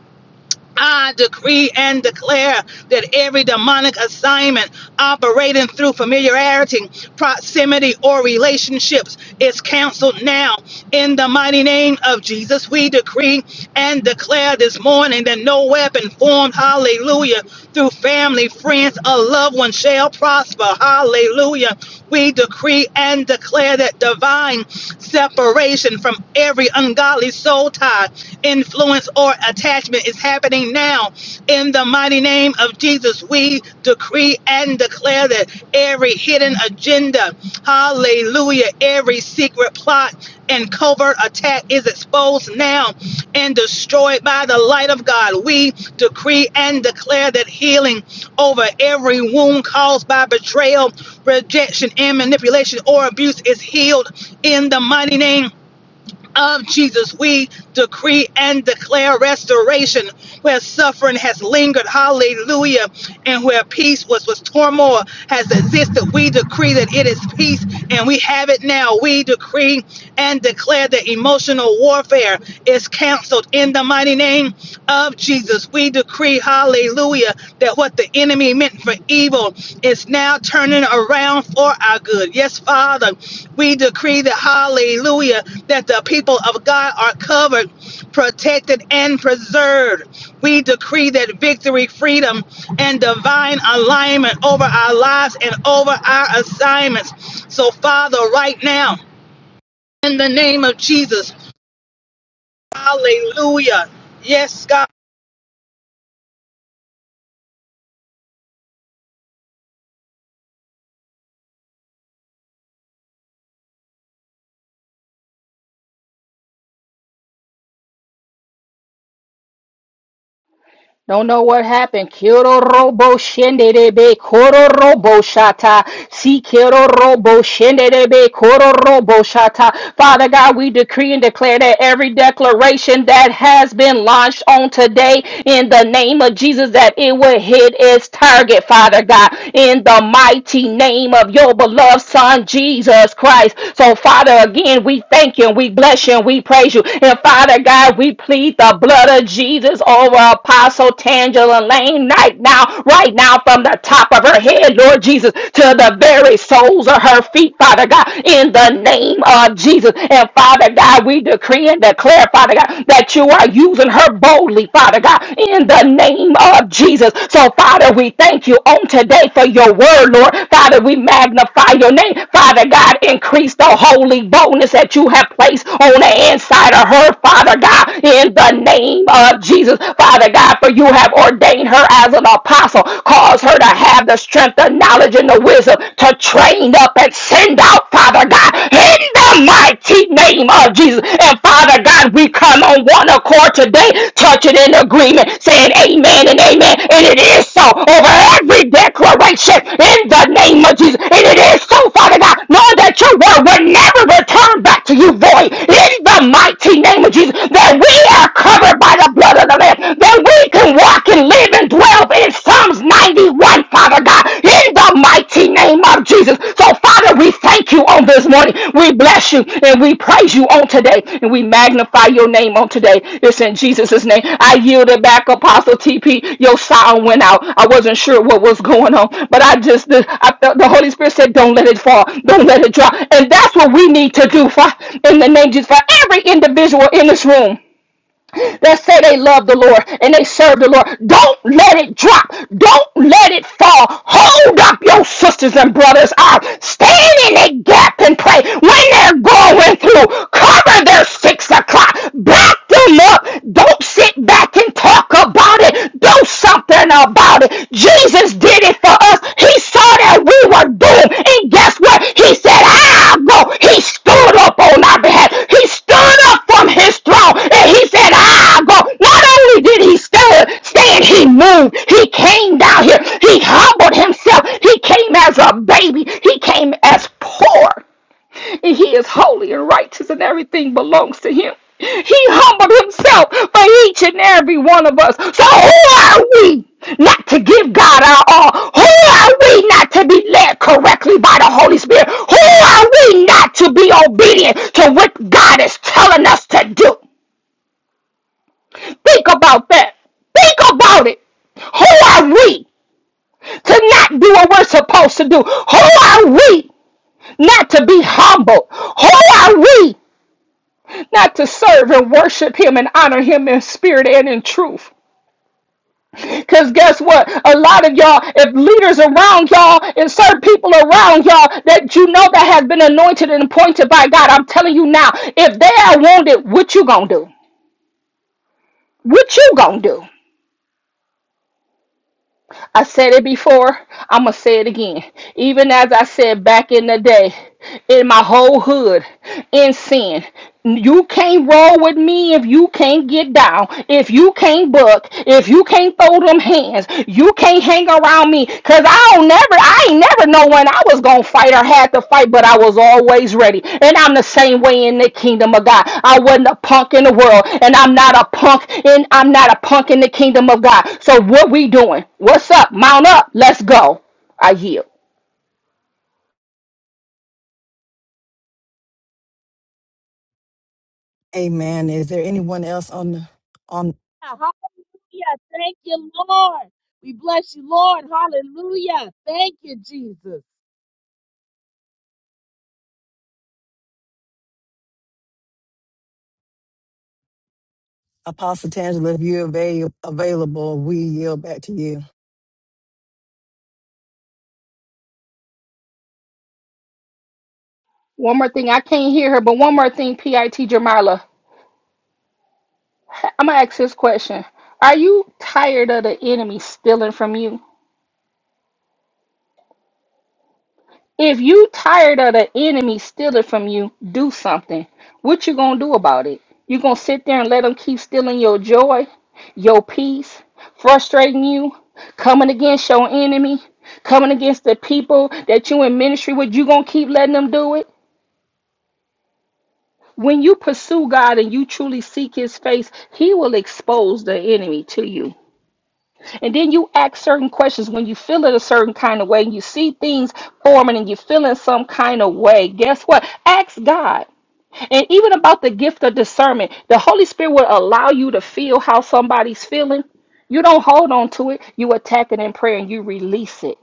I decree and declare that every demonic assignment operating through familiarity proximity, or relationships is canceled now. In the mighty name of Jesus, we decree and declare this morning that no weapon formed, hallelujah, through family, friends, or loved ones shall prosper. Hallelujah. We decree and declare that divine separation from every ungodly soul tie, influence, or attachment is happening now in the mighty name of Jesus, we decree and declare that every hidden agenda, hallelujah, every secret plot and covert attack is exposed now and destroyed by the light of God. We decree and declare that healing over every wound caused by betrayal, rejection, and manipulation or abuse is healed in the mighty name of Jesus, we decree and declare restoration where suffering has lingered, hallelujah, and where peace was, was turmoil has existed. We decree that it is peace and we have it now. We decree and declare that emotional warfare is canceled in the mighty name of Jesus. We decree, hallelujah, that what the enemy meant for evil is now turning around for our good. Yes, Father. We decree that, hallelujah, that the people of God are covered, protected, and preserved. We decree that victory, freedom, and divine alignment over our lives and over our assignments. So, Father, right now, in the name of Jesus, hallelujah. Yes, God. Don't know what happened. Kiro robo shende debe koro robo shata. Si kiro robo shende debe koro robo shata. Father God, we decree and declare that every declaration that has been launched on today in the name of Jesus that it will hit its target, Father God, in the mighty name of your beloved Son Jesus Christ. So Father, again, we thank you and we bless you and we praise you. And Father God, we plead the blood of Jesus over our Apostle Tangela Lane right now, right now, from the top of her head, Lord Jesus, to the very soles of her feet, Father God, in the name of Jesus. And Father God, we decree and declare, Father God, that you are using her boldly, Father God, in the name of Jesus. So, Father, we thank you on today for your word, Lord. Father, we magnify your name. Father God, increase the holy boldness that you have placed on the inside of her, Father God, in the name of of Jesus. Father God, for you have ordained her as an apostle. Cause her to have the strength, the knowledge, and the wisdom to train up and send out, Father God, in the mighty name of Jesus. And Father God, we come on one accord today, touching in agreement, saying amen and amen. And it is so over every declaration in the name of Jesus. And it is so, Father God, knowing that your word will never return back to you void in the mighty name of Jesus. That we are covered by the blood of the Lamb, that we can walk and live and dwell in Psalms 91, Father God, in the mighty name of Jesus. So, Father, we thank you on this morning. We bless you and we praise you on today, and we magnify your name on today. It's in Jesus' name. I yielded back, Apostle TP. Your sound went out. I wasn't sure what was going on, but I just, the, I felt the Holy Spirit said, Don't let it fall, don't let it drop. And that's what we need to do, Father, in the name of Jesus, for every individual in this room that say they love the Lord and they serve the Lord. Don't let it drop. Don't let it fall. Hold up your sisters and brothers up. Stand in the gap and pray when they're going through. Cover their six o'clock. Back them up. Don't sit back and talk about it. Do something about it. Jesus did it for us. He saw that we were doomed. And guess what? He said, I'll go. He stood up on our behalf. He stood up from his throne and he said, I'll go. Not only did he stand, stand, he moved. He came down here. He humbled himself. He came as a baby. He came as poor. And he is holy and righteous, and everything belongs to him. He humbled himself for each and every one of us. So who are we not to give God our all? Who are we not to be led correctly by the Holy Spirit? Who are we not to be obedient to what God is telling us to do? Think about that. Think about it. Who are we to not do what we're supposed to do? Who are we not to be humble? Who are we not to serve and worship Him and honor Him in spirit and in truth? Because guess what? A lot of y'all, if leaders around y'all and certain people around y'all that you know that has been anointed and appointed by God, I'm telling you now, if they are wounded, what you gonna do? What you gonna do? I said it before, I'm going to say it again. Even as I said back in the day, in my whole hood, in sin, you can't roll with me if you can't get down, if you can't buck, if you can't throw them hands, you can't hang around me, cause. I don't never, I ain't never know when I was gonna fight or had to fight, but I was always ready. And I'm the same way in the kingdom of God. I wasn't a punk in the world, and I'm not a punk in I'm not a punk in the kingdom of God. So what we doing? What's up? Mount up. Let's go. I yield. Amen. Is there anyone else on the Hallelujah. Thank you, Lord. We bless you, Lord. Hallelujah. Thank you, Jesus. Apostle Tangela, if you're avail- available, we yield back to you. One more thing, I can't hear her, but one more thing, PIT Jamila. I'm gonna ask this question. Are you tired of the enemy stealing from you? If you tired of the enemy stealing from you, do something. What you gonna do about it? You gonna sit there and let them keep stealing your joy, your peace, frustrating you, coming against your enemy, coming against the people that you in ministry with? You gonna keep letting them do it? When you pursue God and you truly seek His face, He will expose the enemy to you. And then you ask certain questions when you feel it a certain kind of way and you see things forming and you feel in some kind of way. Guess what? Ask God. And even about the gift of discernment, the Holy Spirit will allow you to feel how somebody's feeling. You don't hold on to it, you attack it in prayer and you release it.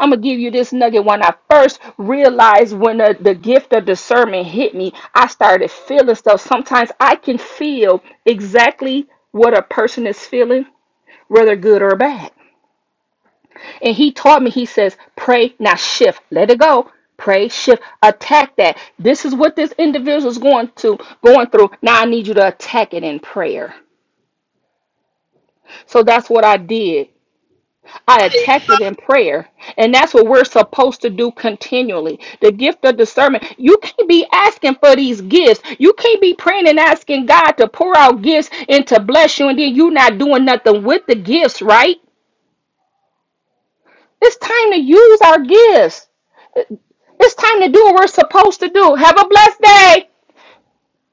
I'm gonna give you this nugget. When I first realized when the, the gift of discernment hit me, I started feeling stuff. Sometimes I can feel exactly what a person is feeling, whether good or bad. And he taught me, he says, pray, now shift, let it go. Pray, shift, attack that. This is what this individual is going to going through. Now I need you to attack it in prayer. So that's what I did. I attacked it in prayer. And that's what we're supposed to do continually. The gift of discernment. You can't be asking for these gifts. You can't be praying and asking God to pour out gifts and to bless you, and then you're not doing nothing with the gifts, right? It's time to use our gifts. It's time to do what we're supposed to do. Have a blessed day.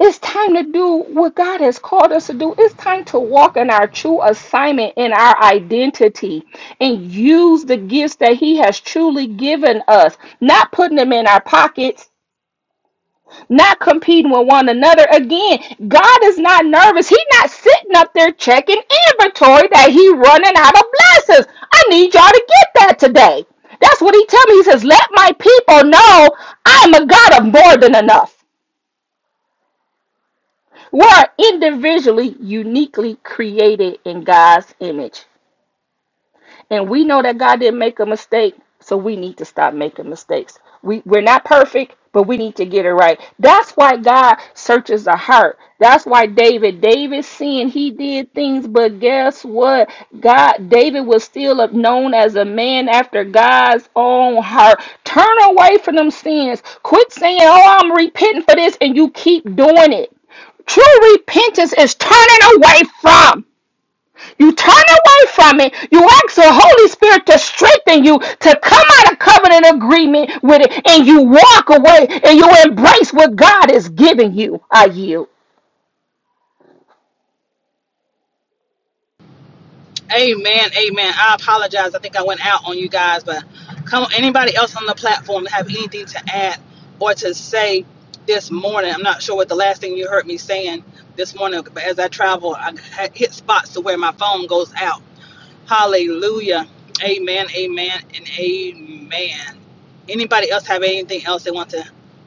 It's time to do what God has called us to do. It's time to walk in our true assignment in our identity and use the gifts that He has truly given us, not putting them in our pockets not competing with one another. Again, God is not nervous. He's not sitting up there checking inventory that he running out of blessings. I need y'all to get that today. That's what he tell me. He says, let my people know I'm a God of more than enough. We're individually, uniquely created in God's image. And we know that God didn't make a mistake, so we need to stop making mistakes. We we're not perfect, but we need to get it right. That's why God searches the heart. That's why David, David sinned. He did things, but guess what? God, David was still known as a man after God's own heart. Turn away from them sins. Quit saying, "Oh, I'm repenting for this," and you keep doing it. True repentance is turning away from. You turn away from it. You ask the Holy Spirit to strengthen you to come out of covenant agreement with it, and you walk away and you embrace what God is giving you. I yield. Amen, amen. I apologize. I think I went out on you guys, but come on, anybody else on the platform that have anything to add or to say this morning? I'm not sure what the last thing you heard me saying this morning, but as I travel, I ha- hit spots to where my phone goes out. Hallelujah. Amen, amen, and amen. Anybody else have anything else they want to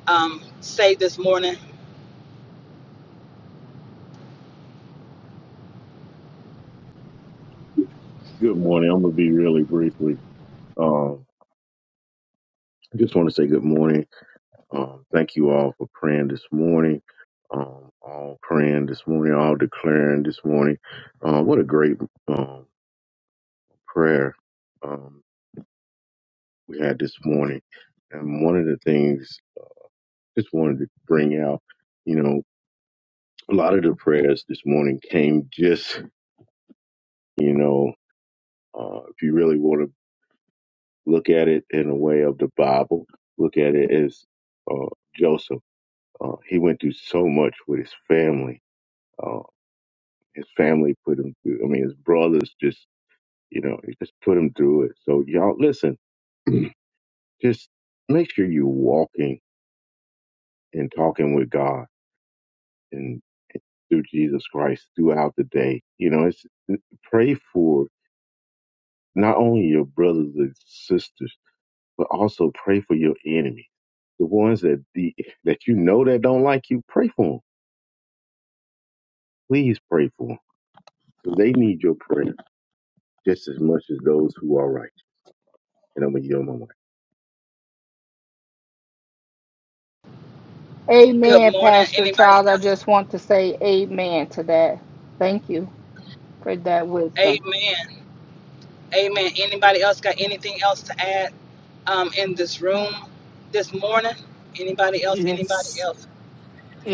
um, say this morning? Good morning. I'm gonna be really briefly. Um, I just want to say good morning. Um, thank you all for praying this morning. Um, all praying this morning, all declaring this morning. Uh, what a great um, prayer um, we had this morning. And one of the things just wanted to bring out, you know, a lot of the prayers this morning came just, you know, uh, if you really want to look at it in a way of the Bible, look at it as uh, Joseph. Uh, he went through so much with his family. Uh, his family put him through. I mean, his brothers just, you know, it just put him through it. So y'all, listen, [clears throat] just make sure you're walking and talking with God and through Jesus Christ throughout the day. You know, it's uh, pray for not only your brothers and sisters, but also pray for your enemies, the ones that the, [laughs] that you know that don't like you. Pray for them. Please pray for them. They need your prayer. just as much as those who are righteous. And I'm going to yield my mic. Good Amen, morning. Pastor Anybody Charles. I else? just want to say amen to that. Thank you for that wisdom. Amen. Amen. Anybody else got anything else to add um, in this room this morning? Anybody else? Yes. Anybody else?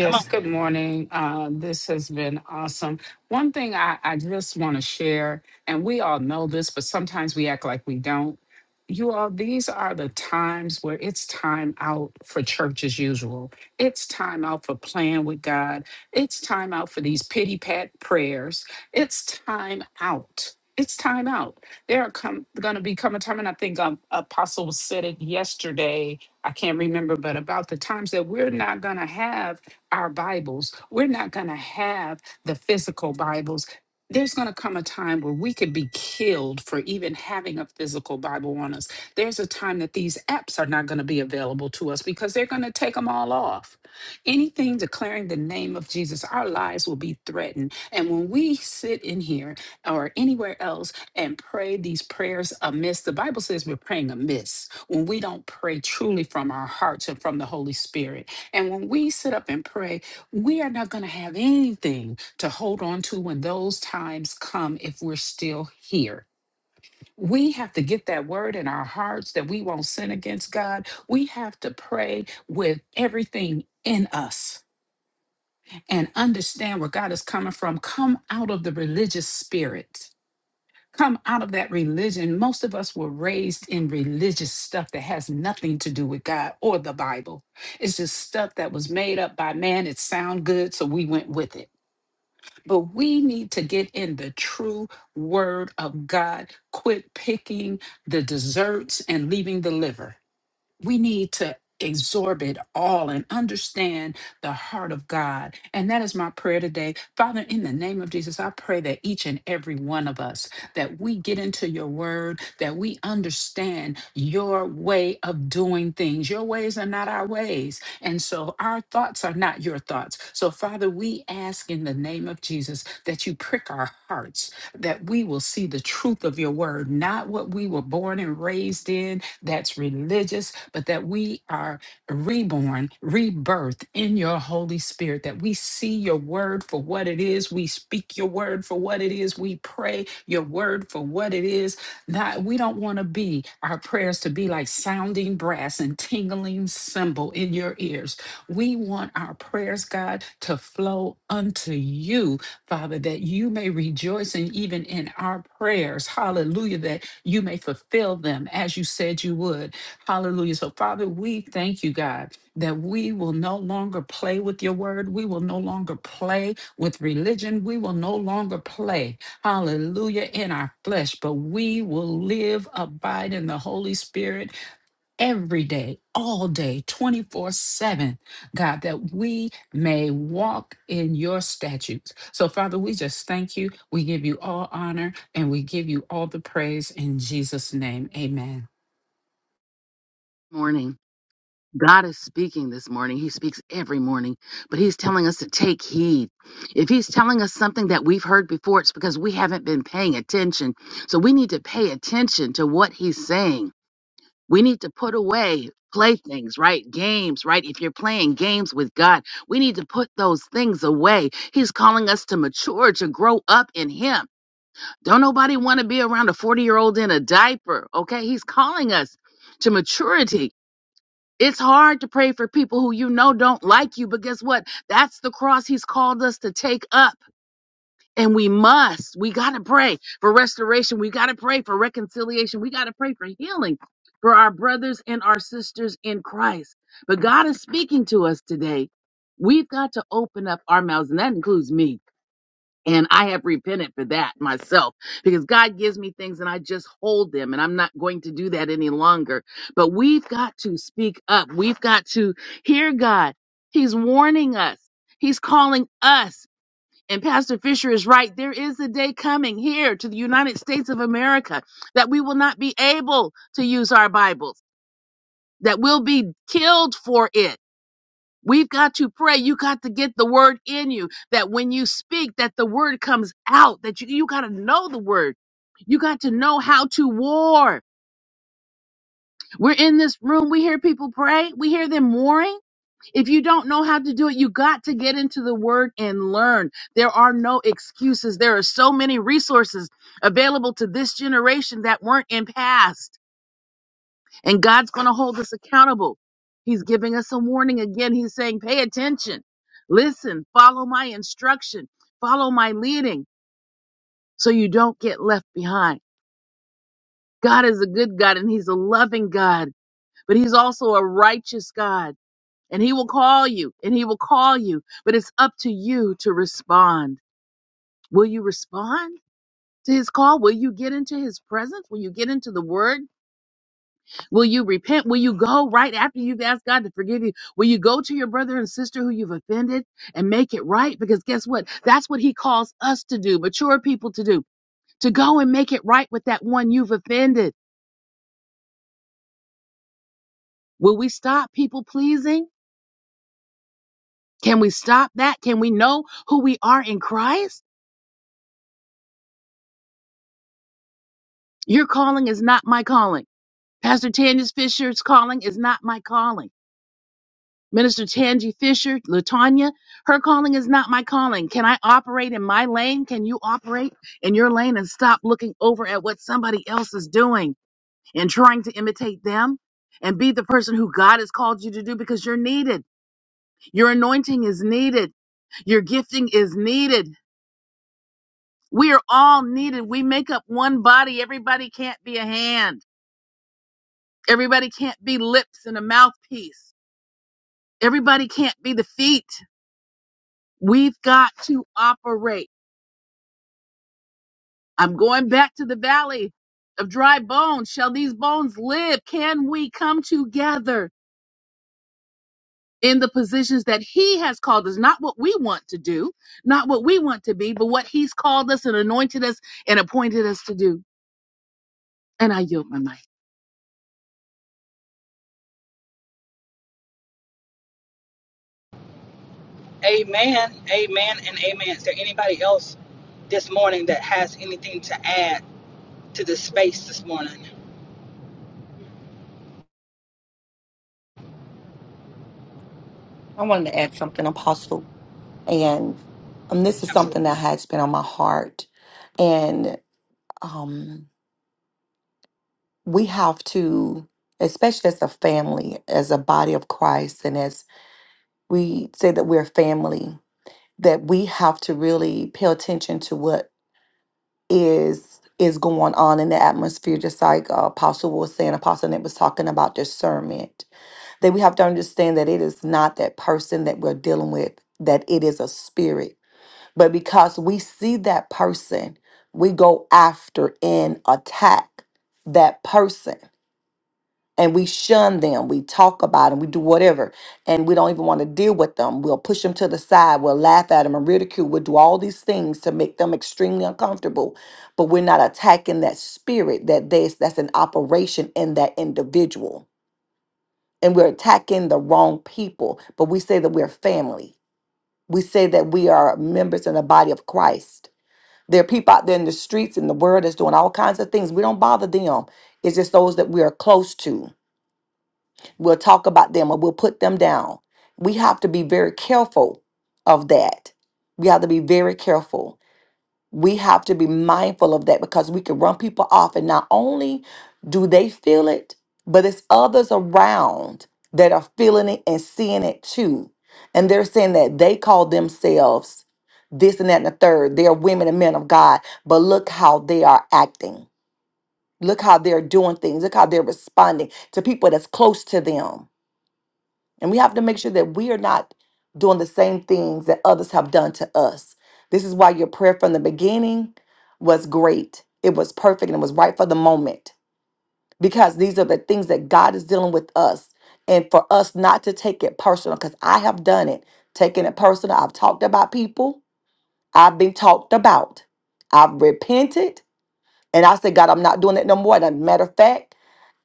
Come on. good morning. Uh, this has been awesome. One thing I, I just want to share, and we all know this, but sometimes we act like we don't. You all, these are the times where it's time out for church as usual. It's time out for playing with God. It's time out for these pity pat prayers. It's time out. It's time out. There are come going to be come a time, and I think um, Apostle said it yesterday. I can't remember, but about the times that we're not going to have our Bibles. We're not going to have the physical Bibles. There's going to come a time where we could be killed for even having a physical Bible on us. There's a time that these apps are not going to be available to us because they're going to take them all off. Anything declaring the name of Jesus, our lives will be threatened. And when we sit in here or anywhere else and pray these prayers amiss, the Bible says we're praying amiss when we don't pray truly from our hearts and from the Holy Spirit. And when we sit up and pray, we are not going to have anything to hold on to when those times come if we're still here. We have to get that word in our hearts that we won't sin against God. We have to pray with everything in us and understand where God is coming from. Come out of the religious spirit come out of that religion. Most of us were raised in religious stuff that has nothing to do with God or the Bible. It's just stuff that was made up by man. It sound good, so we went with it. But we need to get in the true word of God. Quit picking the desserts and leaving the liver we need to absorb it all and understand the heart of God. And that is my prayer today. Father, in the name of Jesus, I pray that each and every one of us that we get into your word, that we understand your way of doing things. Your ways are not our ways, and so our thoughts are not your thoughts. So Father, we ask in the name of Jesus that you prick our hearts, that we will see the truth of your word, not what we were born and raised in, that's religious, but that we are reborn, rebirth in your Holy Spirit, that we see your word for what it is. We speak your word for what it is. We pray your word for what it is. Not, we don't want to be our prayers to be like sounding brass and tingling cymbal in your ears. We want our prayers, God, to flow unto you, Father, that you may rejoice and even in our prayers. Hallelujah. That you may fulfill them as you said you would. Hallelujah. So, Father, we thank you, God, that we will no longer play with your word. We will no longer play with religion. We will no longer play, hallelujah, in our flesh, but we will live, abide in the Holy Spirit, every day, all day, 24 7, God, that we may walk in your statutes. So, Father, we just thank you. We give you all honor and we give you all the praise in Jesus' name. Amen. morning. God is speaking this morning. He speaks every morning, but He's telling us to take heed. If He's telling us something that we've heard before, it's because we haven't been paying attention. So we need to pay attention to what He's saying. We need to put away playthings, right? Games, right? If you're playing games with God, we need to put those things away. He's calling us to mature, to grow up in Him. Don't nobody want to be around a 40 year old in a diaper. Okay. He's calling us to maturity. It's hard to pray for people who you know don't like you, but guess what? That's the cross he's called us to take up. And we must, we got to pray for restoration. We got to pray for reconciliation. We got to pray for healing for our brothers and our sisters in Christ. But God is speaking to us today. We've got to open up our mouths, and that includes me. And I have repented for that myself because God gives me things and I just hold them and I'm not going to do that any longer. But we've got to speak up. We've got to hear God. He's warning us. He's calling us. And Pastor Fisher is right. There is a day coming here to the United States of America that we will not be able to use our Bibles, that we'll be killed for it. We've got to pray. You got to get the word in you that when you speak, that the word comes out, that you, you got to know the word. You got to know how to war. We're in this room. We hear people pray. We hear them warring. If you don't know how to do it, you got to get into the word and learn. There are no excuses. There are so many resources available to this generation that weren't in past. And God's going to hold us accountable. He's giving us a warning again. He's saying, pay attention, listen, follow my instruction, follow my leading so you don't get left behind. God is a good God and He's a loving God, but He's also a righteous God. And He will call you and He will call you, but it's up to you to respond. Will you respond to His call? Will you get into His presence? Will you get into the Word? Will you repent? Will you go right after you've asked God to forgive you? Will you go to your brother and sister who you've offended and make it right? Because guess what? That's what he calls us to do, mature people to do, to go and make it right with that one you've offended. Will we stop people pleasing? Can we stop that? Can we know who we are in Christ? Your calling is not my calling. Pastor Tanya's Fisher's calling is not my calling. Minister Tangi Fisher, Latanya, her calling is not my calling. Can I operate in my lane? Can you operate in your lane and stop looking over at what somebody else is doing and trying to imitate them? And be the person who God has called you to do because you're needed. Your anointing is needed. Your gifting is needed. We are all needed. We make up one body. Everybody can't be a hand. Everybody can't be lips and a mouthpiece. Everybody can't be the feet. We've got to operate. I'm going back to the valley of dry bones. Shall these bones live? Can we come together in the positions that He has called us? Not what we want to do, not what we want to be, but what He's called us and anointed us and appointed us to do. And I yield my mic. Amen. Amen and amen. Is there anybody else this morning that has anything to add to this space this morning? I wanted to add something, Apostle, and um, this is something Absolutely. that has been on my heart. And um. we have to, especially as a family, as a body of Christ, and as we say that we're family, that we have to really pay attention to what is is going on in the atmosphere, just like uh, Apostle was saying, Apostle Nick was talking about discernment. That we have to understand that it is not that person that we're dealing with, that it is a spirit. But because we see that person, we go after and attack that person and we shun them. We talk about them. We do whatever, and we don't even want to deal with them. We'll push them to the side. We'll laugh at them and ridicule. We'll do all these things to make them extremely uncomfortable. But we're not attacking that spirit that they, that's an operation in that individual, and we're attacking the wrong people. But we say that we're family. We say that we are members in the body of Christ. There are people out there in the streets in the world that's doing all kinds of things. We don't bother them. It's just those that we are close to We'll talk about them or we'll put them down. We have to be very careful of that. We have to be very careful. We have to be mindful of that because we can run people off, and not only do they feel it, but it's others around that are feeling it and seeing it too. And they're saying that they call themselves this and that and the third. They're women and men of God, but look how they are acting. Look how they're doing things. Look how they're responding to people that's close to them and we have to make sure that we are not doing the same things that others have done to us. This is why your prayer from the beginning was great. It was perfect and it was right for the moment because these are the things that God is dealing with us. And for us not to take it personal, because I have done it, taking it personal. I've talked about people, I've been talked about, I've repented, and I said, God, I'm not doing it no more. And as a matter of fact,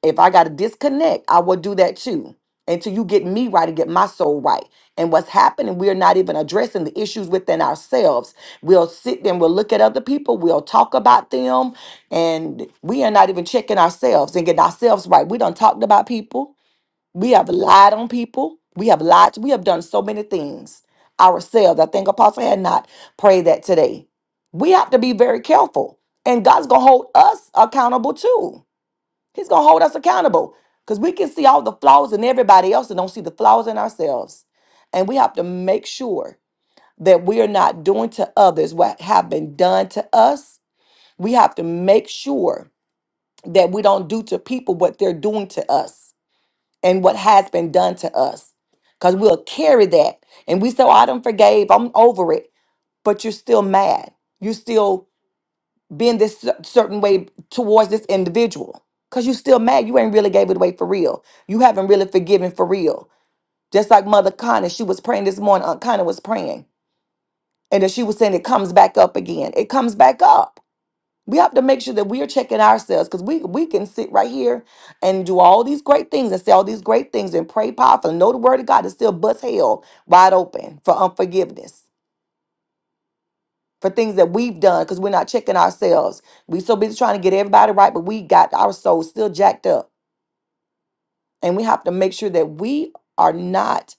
if I got to disconnect, I will do that too until you get me right and get my soul right. And what's happening, we're not even addressing the issues within ourselves. We'll sit there and we'll look at other people, we'll talk about them, and we are not even checking ourselves and getting ourselves right. We done talked about people, we have lied on people, we have lied, we have done so many things ourselves. I think Apostle had not prayed that today. We have to be very careful, and God's gonna hold us accountable too He's gonna hold us accountable because we can see all the flaws in everybody else and don't see the flaws in ourselves. And we have to make sure that we are not doing to others what have been done to us. We have to make sure that we don't do to people what they're doing to us and what has been done to us. Because we'll carry that and we say, oh, I done forgave, I'm over it. But you're still mad. You still being this cer- certain way towards this individual because you still mad you ain't really gave it away for real you haven't really forgiven for real just like mother connie she was praying this morning aunt connie was praying and then she was saying it comes back up again it comes back up we have to make sure that we're checking ourselves because we, we can sit right here and do all these great things and say all these great things and pray powerful and know the word of god and still bust hell wide open for unforgiveness for things that we've done because we're not checking ourselves. We so busy trying to get everybody right, but we got our souls still jacked up. And we have to make sure that we are not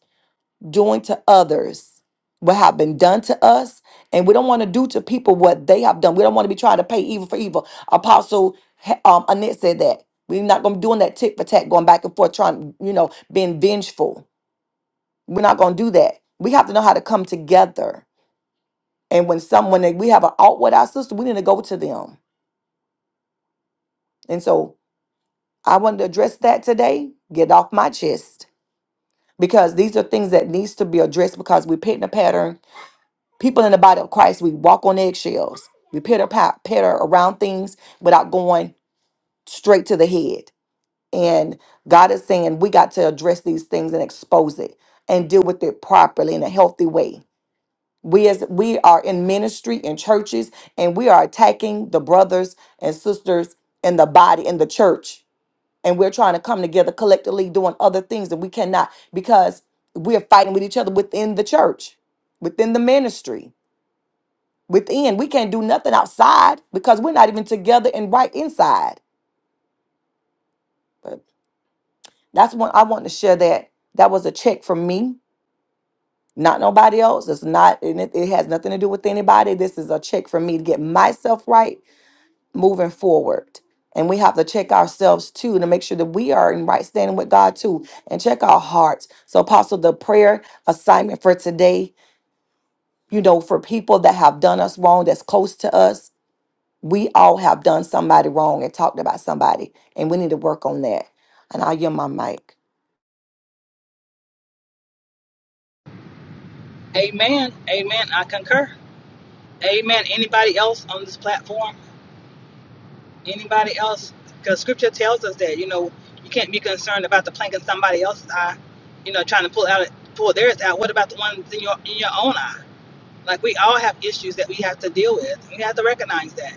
doing to others what have been done to us. And we don't want to do to people what they have done. We don't want to be trying to pay evil for evil. Apostle um, Annette said that. We're not going to be doing that tit for tat, going back and forth, trying, you know, being vengeful. We're not going to do that. We have to know how to come together. And when someone, we have an out with our sister, we need to go to them. And so I wanted to address that today, get it off my chest, because these are things that needs to be addressed because we paint a pattern. People in the body of Christ, we walk on eggshells. We pitter pat- patter around things without going straight to the head. And God is saying we got to address these things and expose it and deal with it properly in a healthy way. We as we are in ministry in churches and we are attacking the brothers and sisters in the body in the church and we're trying to come together collectively doing other things that we cannot because we're fighting with each other within the church, within the ministry, within. We can't do nothing outside because we're not even together and right inside. But that's what I want to share that that was a check from me, not nobody else. It's not, and it, it has nothing to do with anybody. This is a check for me to get myself right moving forward. And we have to check ourselves too to make sure that we are in right standing with God too and check our hearts. So, Apostle, the prayer assignment for today, you know, for people that have done us wrong, that's close to us, we all have done somebody wrong and talked about somebody, and we need to work on that. And I'll yield my mic. Amen. Amen. I concur. Amen. Anybody else on this platform? Anybody else? Because scripture tells us that, you know, you can't be concerned about the plank in somebody else's eye, you know, trying to pull out pull theirs out. What about the ones in your in your own eye? Like we all have issues that we have to deal with. You have to recognize that,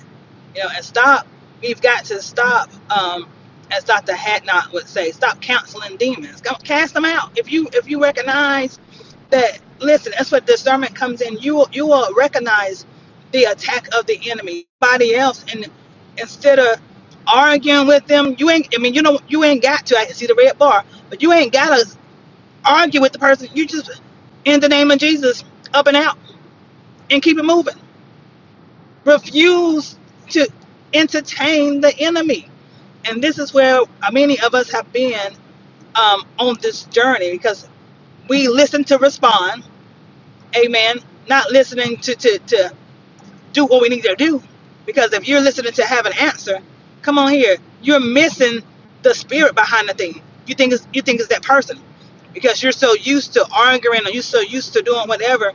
you know, and stop. We've got to stop, um, as Dr. Hatnot would say, stop counseling demons. Go cast them out. If you if you recognize that, listen, that's what discernment comes in. You will you will recognize the attack of the enemy, body else, and instead of arguing with them, you ain't. I mean, you know, you ain't got to. I can see the red bar, but you ain't gotta argue with the person. You just in the name of Jesus, up and out, and keep it moving refuse to entertain the enemy. And this is where many of us have been um, on this journey because we listen to respond, amen, not listening to, to, to do what we need to do. Because if you're listening to have an answer, come on here, you're missing the spirit behind the thing. You think it's, you think it's that person because you're so used to arguing or you're so used to doing whatever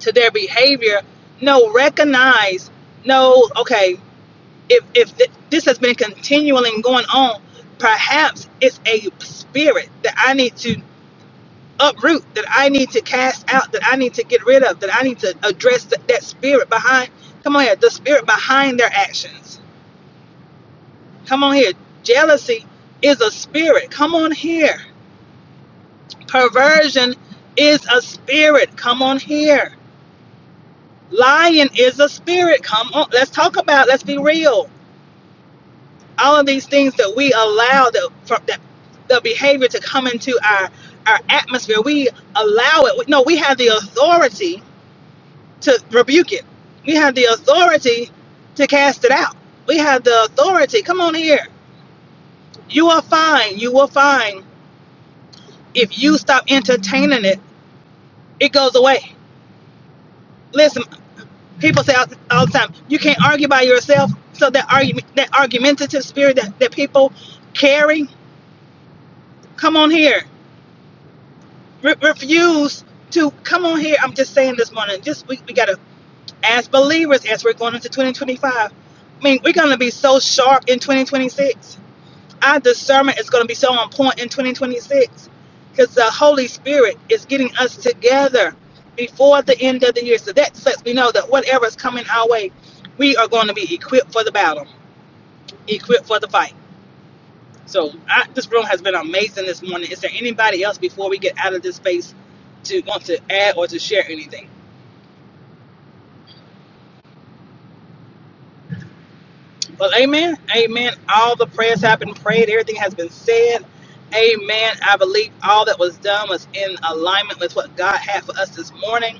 to their behavior. No, recognize, no, okay, if if th- this has been continually going on, perhaps it's a spirit that I need to uproot, that I need to cast out, that I need to get rid of, that I need to address that, that spirit behind. Come on here, the spirit behind their actions. Come on here, jealousy is a spirit. Come on here, perversion is a spirit. Come on here, lying is a spirit. Come on, let's talk about. Let's be real. all of these things that we allow the for, that the behavior to come into our our atmosphere we allow it no we have the authority to rebuke it we have the authority to cast it out we have the authority come on here you are fine you will find if you stop entertaining it it goes away listen people say all, all the time you can't argue by yourself so that argument that argumentative spirit that, that people carry come on here re- refuse to come on here. I'm just saying this morning, just we, we gotta as believers as we're going into 2025. I mean, we're gonna be so sharp in 2026. Our discernment is gonna be so on point in 2026 because the Holy Spirit is getting us together before the end of the year. So that lets me know that whatever is coming our way, we are going to be equipped for the battle, equipped for the fight. So I, this room has been amazing this morning. Is there anybody else before we get out of this space to want to add or to share anything? Well, amen, amen. All the prayers have been prayed. Everything has been said. Amen. I believe all that was done was in alignment with what God had for us this morning.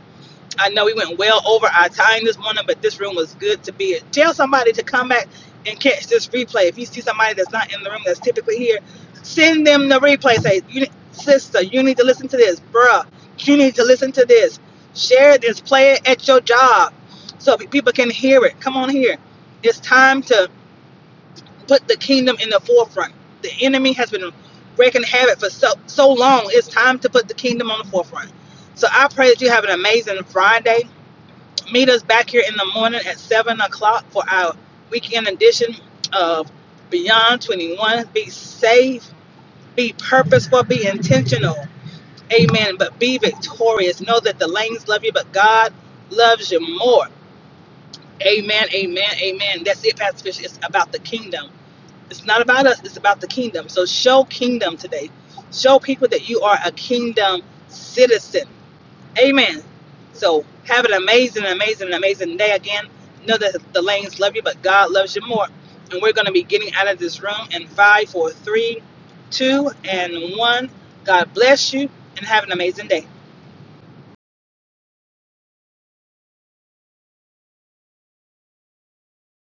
I know we went well over our time this morning, but this room was good to be in. Tell somebody to come back and catch this replay. If you see somebody that's not in the room that's typically here, send them the replay. Say, you, ne- sister, you need to listen to this. Bruh, you need to listen to this. Share this. Play it at your job so pe- people can hear it. Come on here. It's time to put the kingdom in the forefront. The enemy has been wreaking havoc for so, so long. It's time to put the kingdom on the forefront. So I pray that you have an amazing Friday. Meet us back here in the morning at 7 o'clock for our weekend edition of Beyond 21. Be safe, be purposeful, be intentional. Amen. But be victorious. Know that the lanes love you, but God loves you more. Amen, amen, amen. That's it, Pastor Fisher. It's about the kingdom. It's not about us, it's about the kingdom. So show kingdom today. Show people that you are a kingdom citizen Amen. So have an amazing, amazing, amazing day again. Know that the lanes love you, but God loves you more. And we're going to be getting out of this room in five, four, three, two, and one. God bless you and have an amazing day.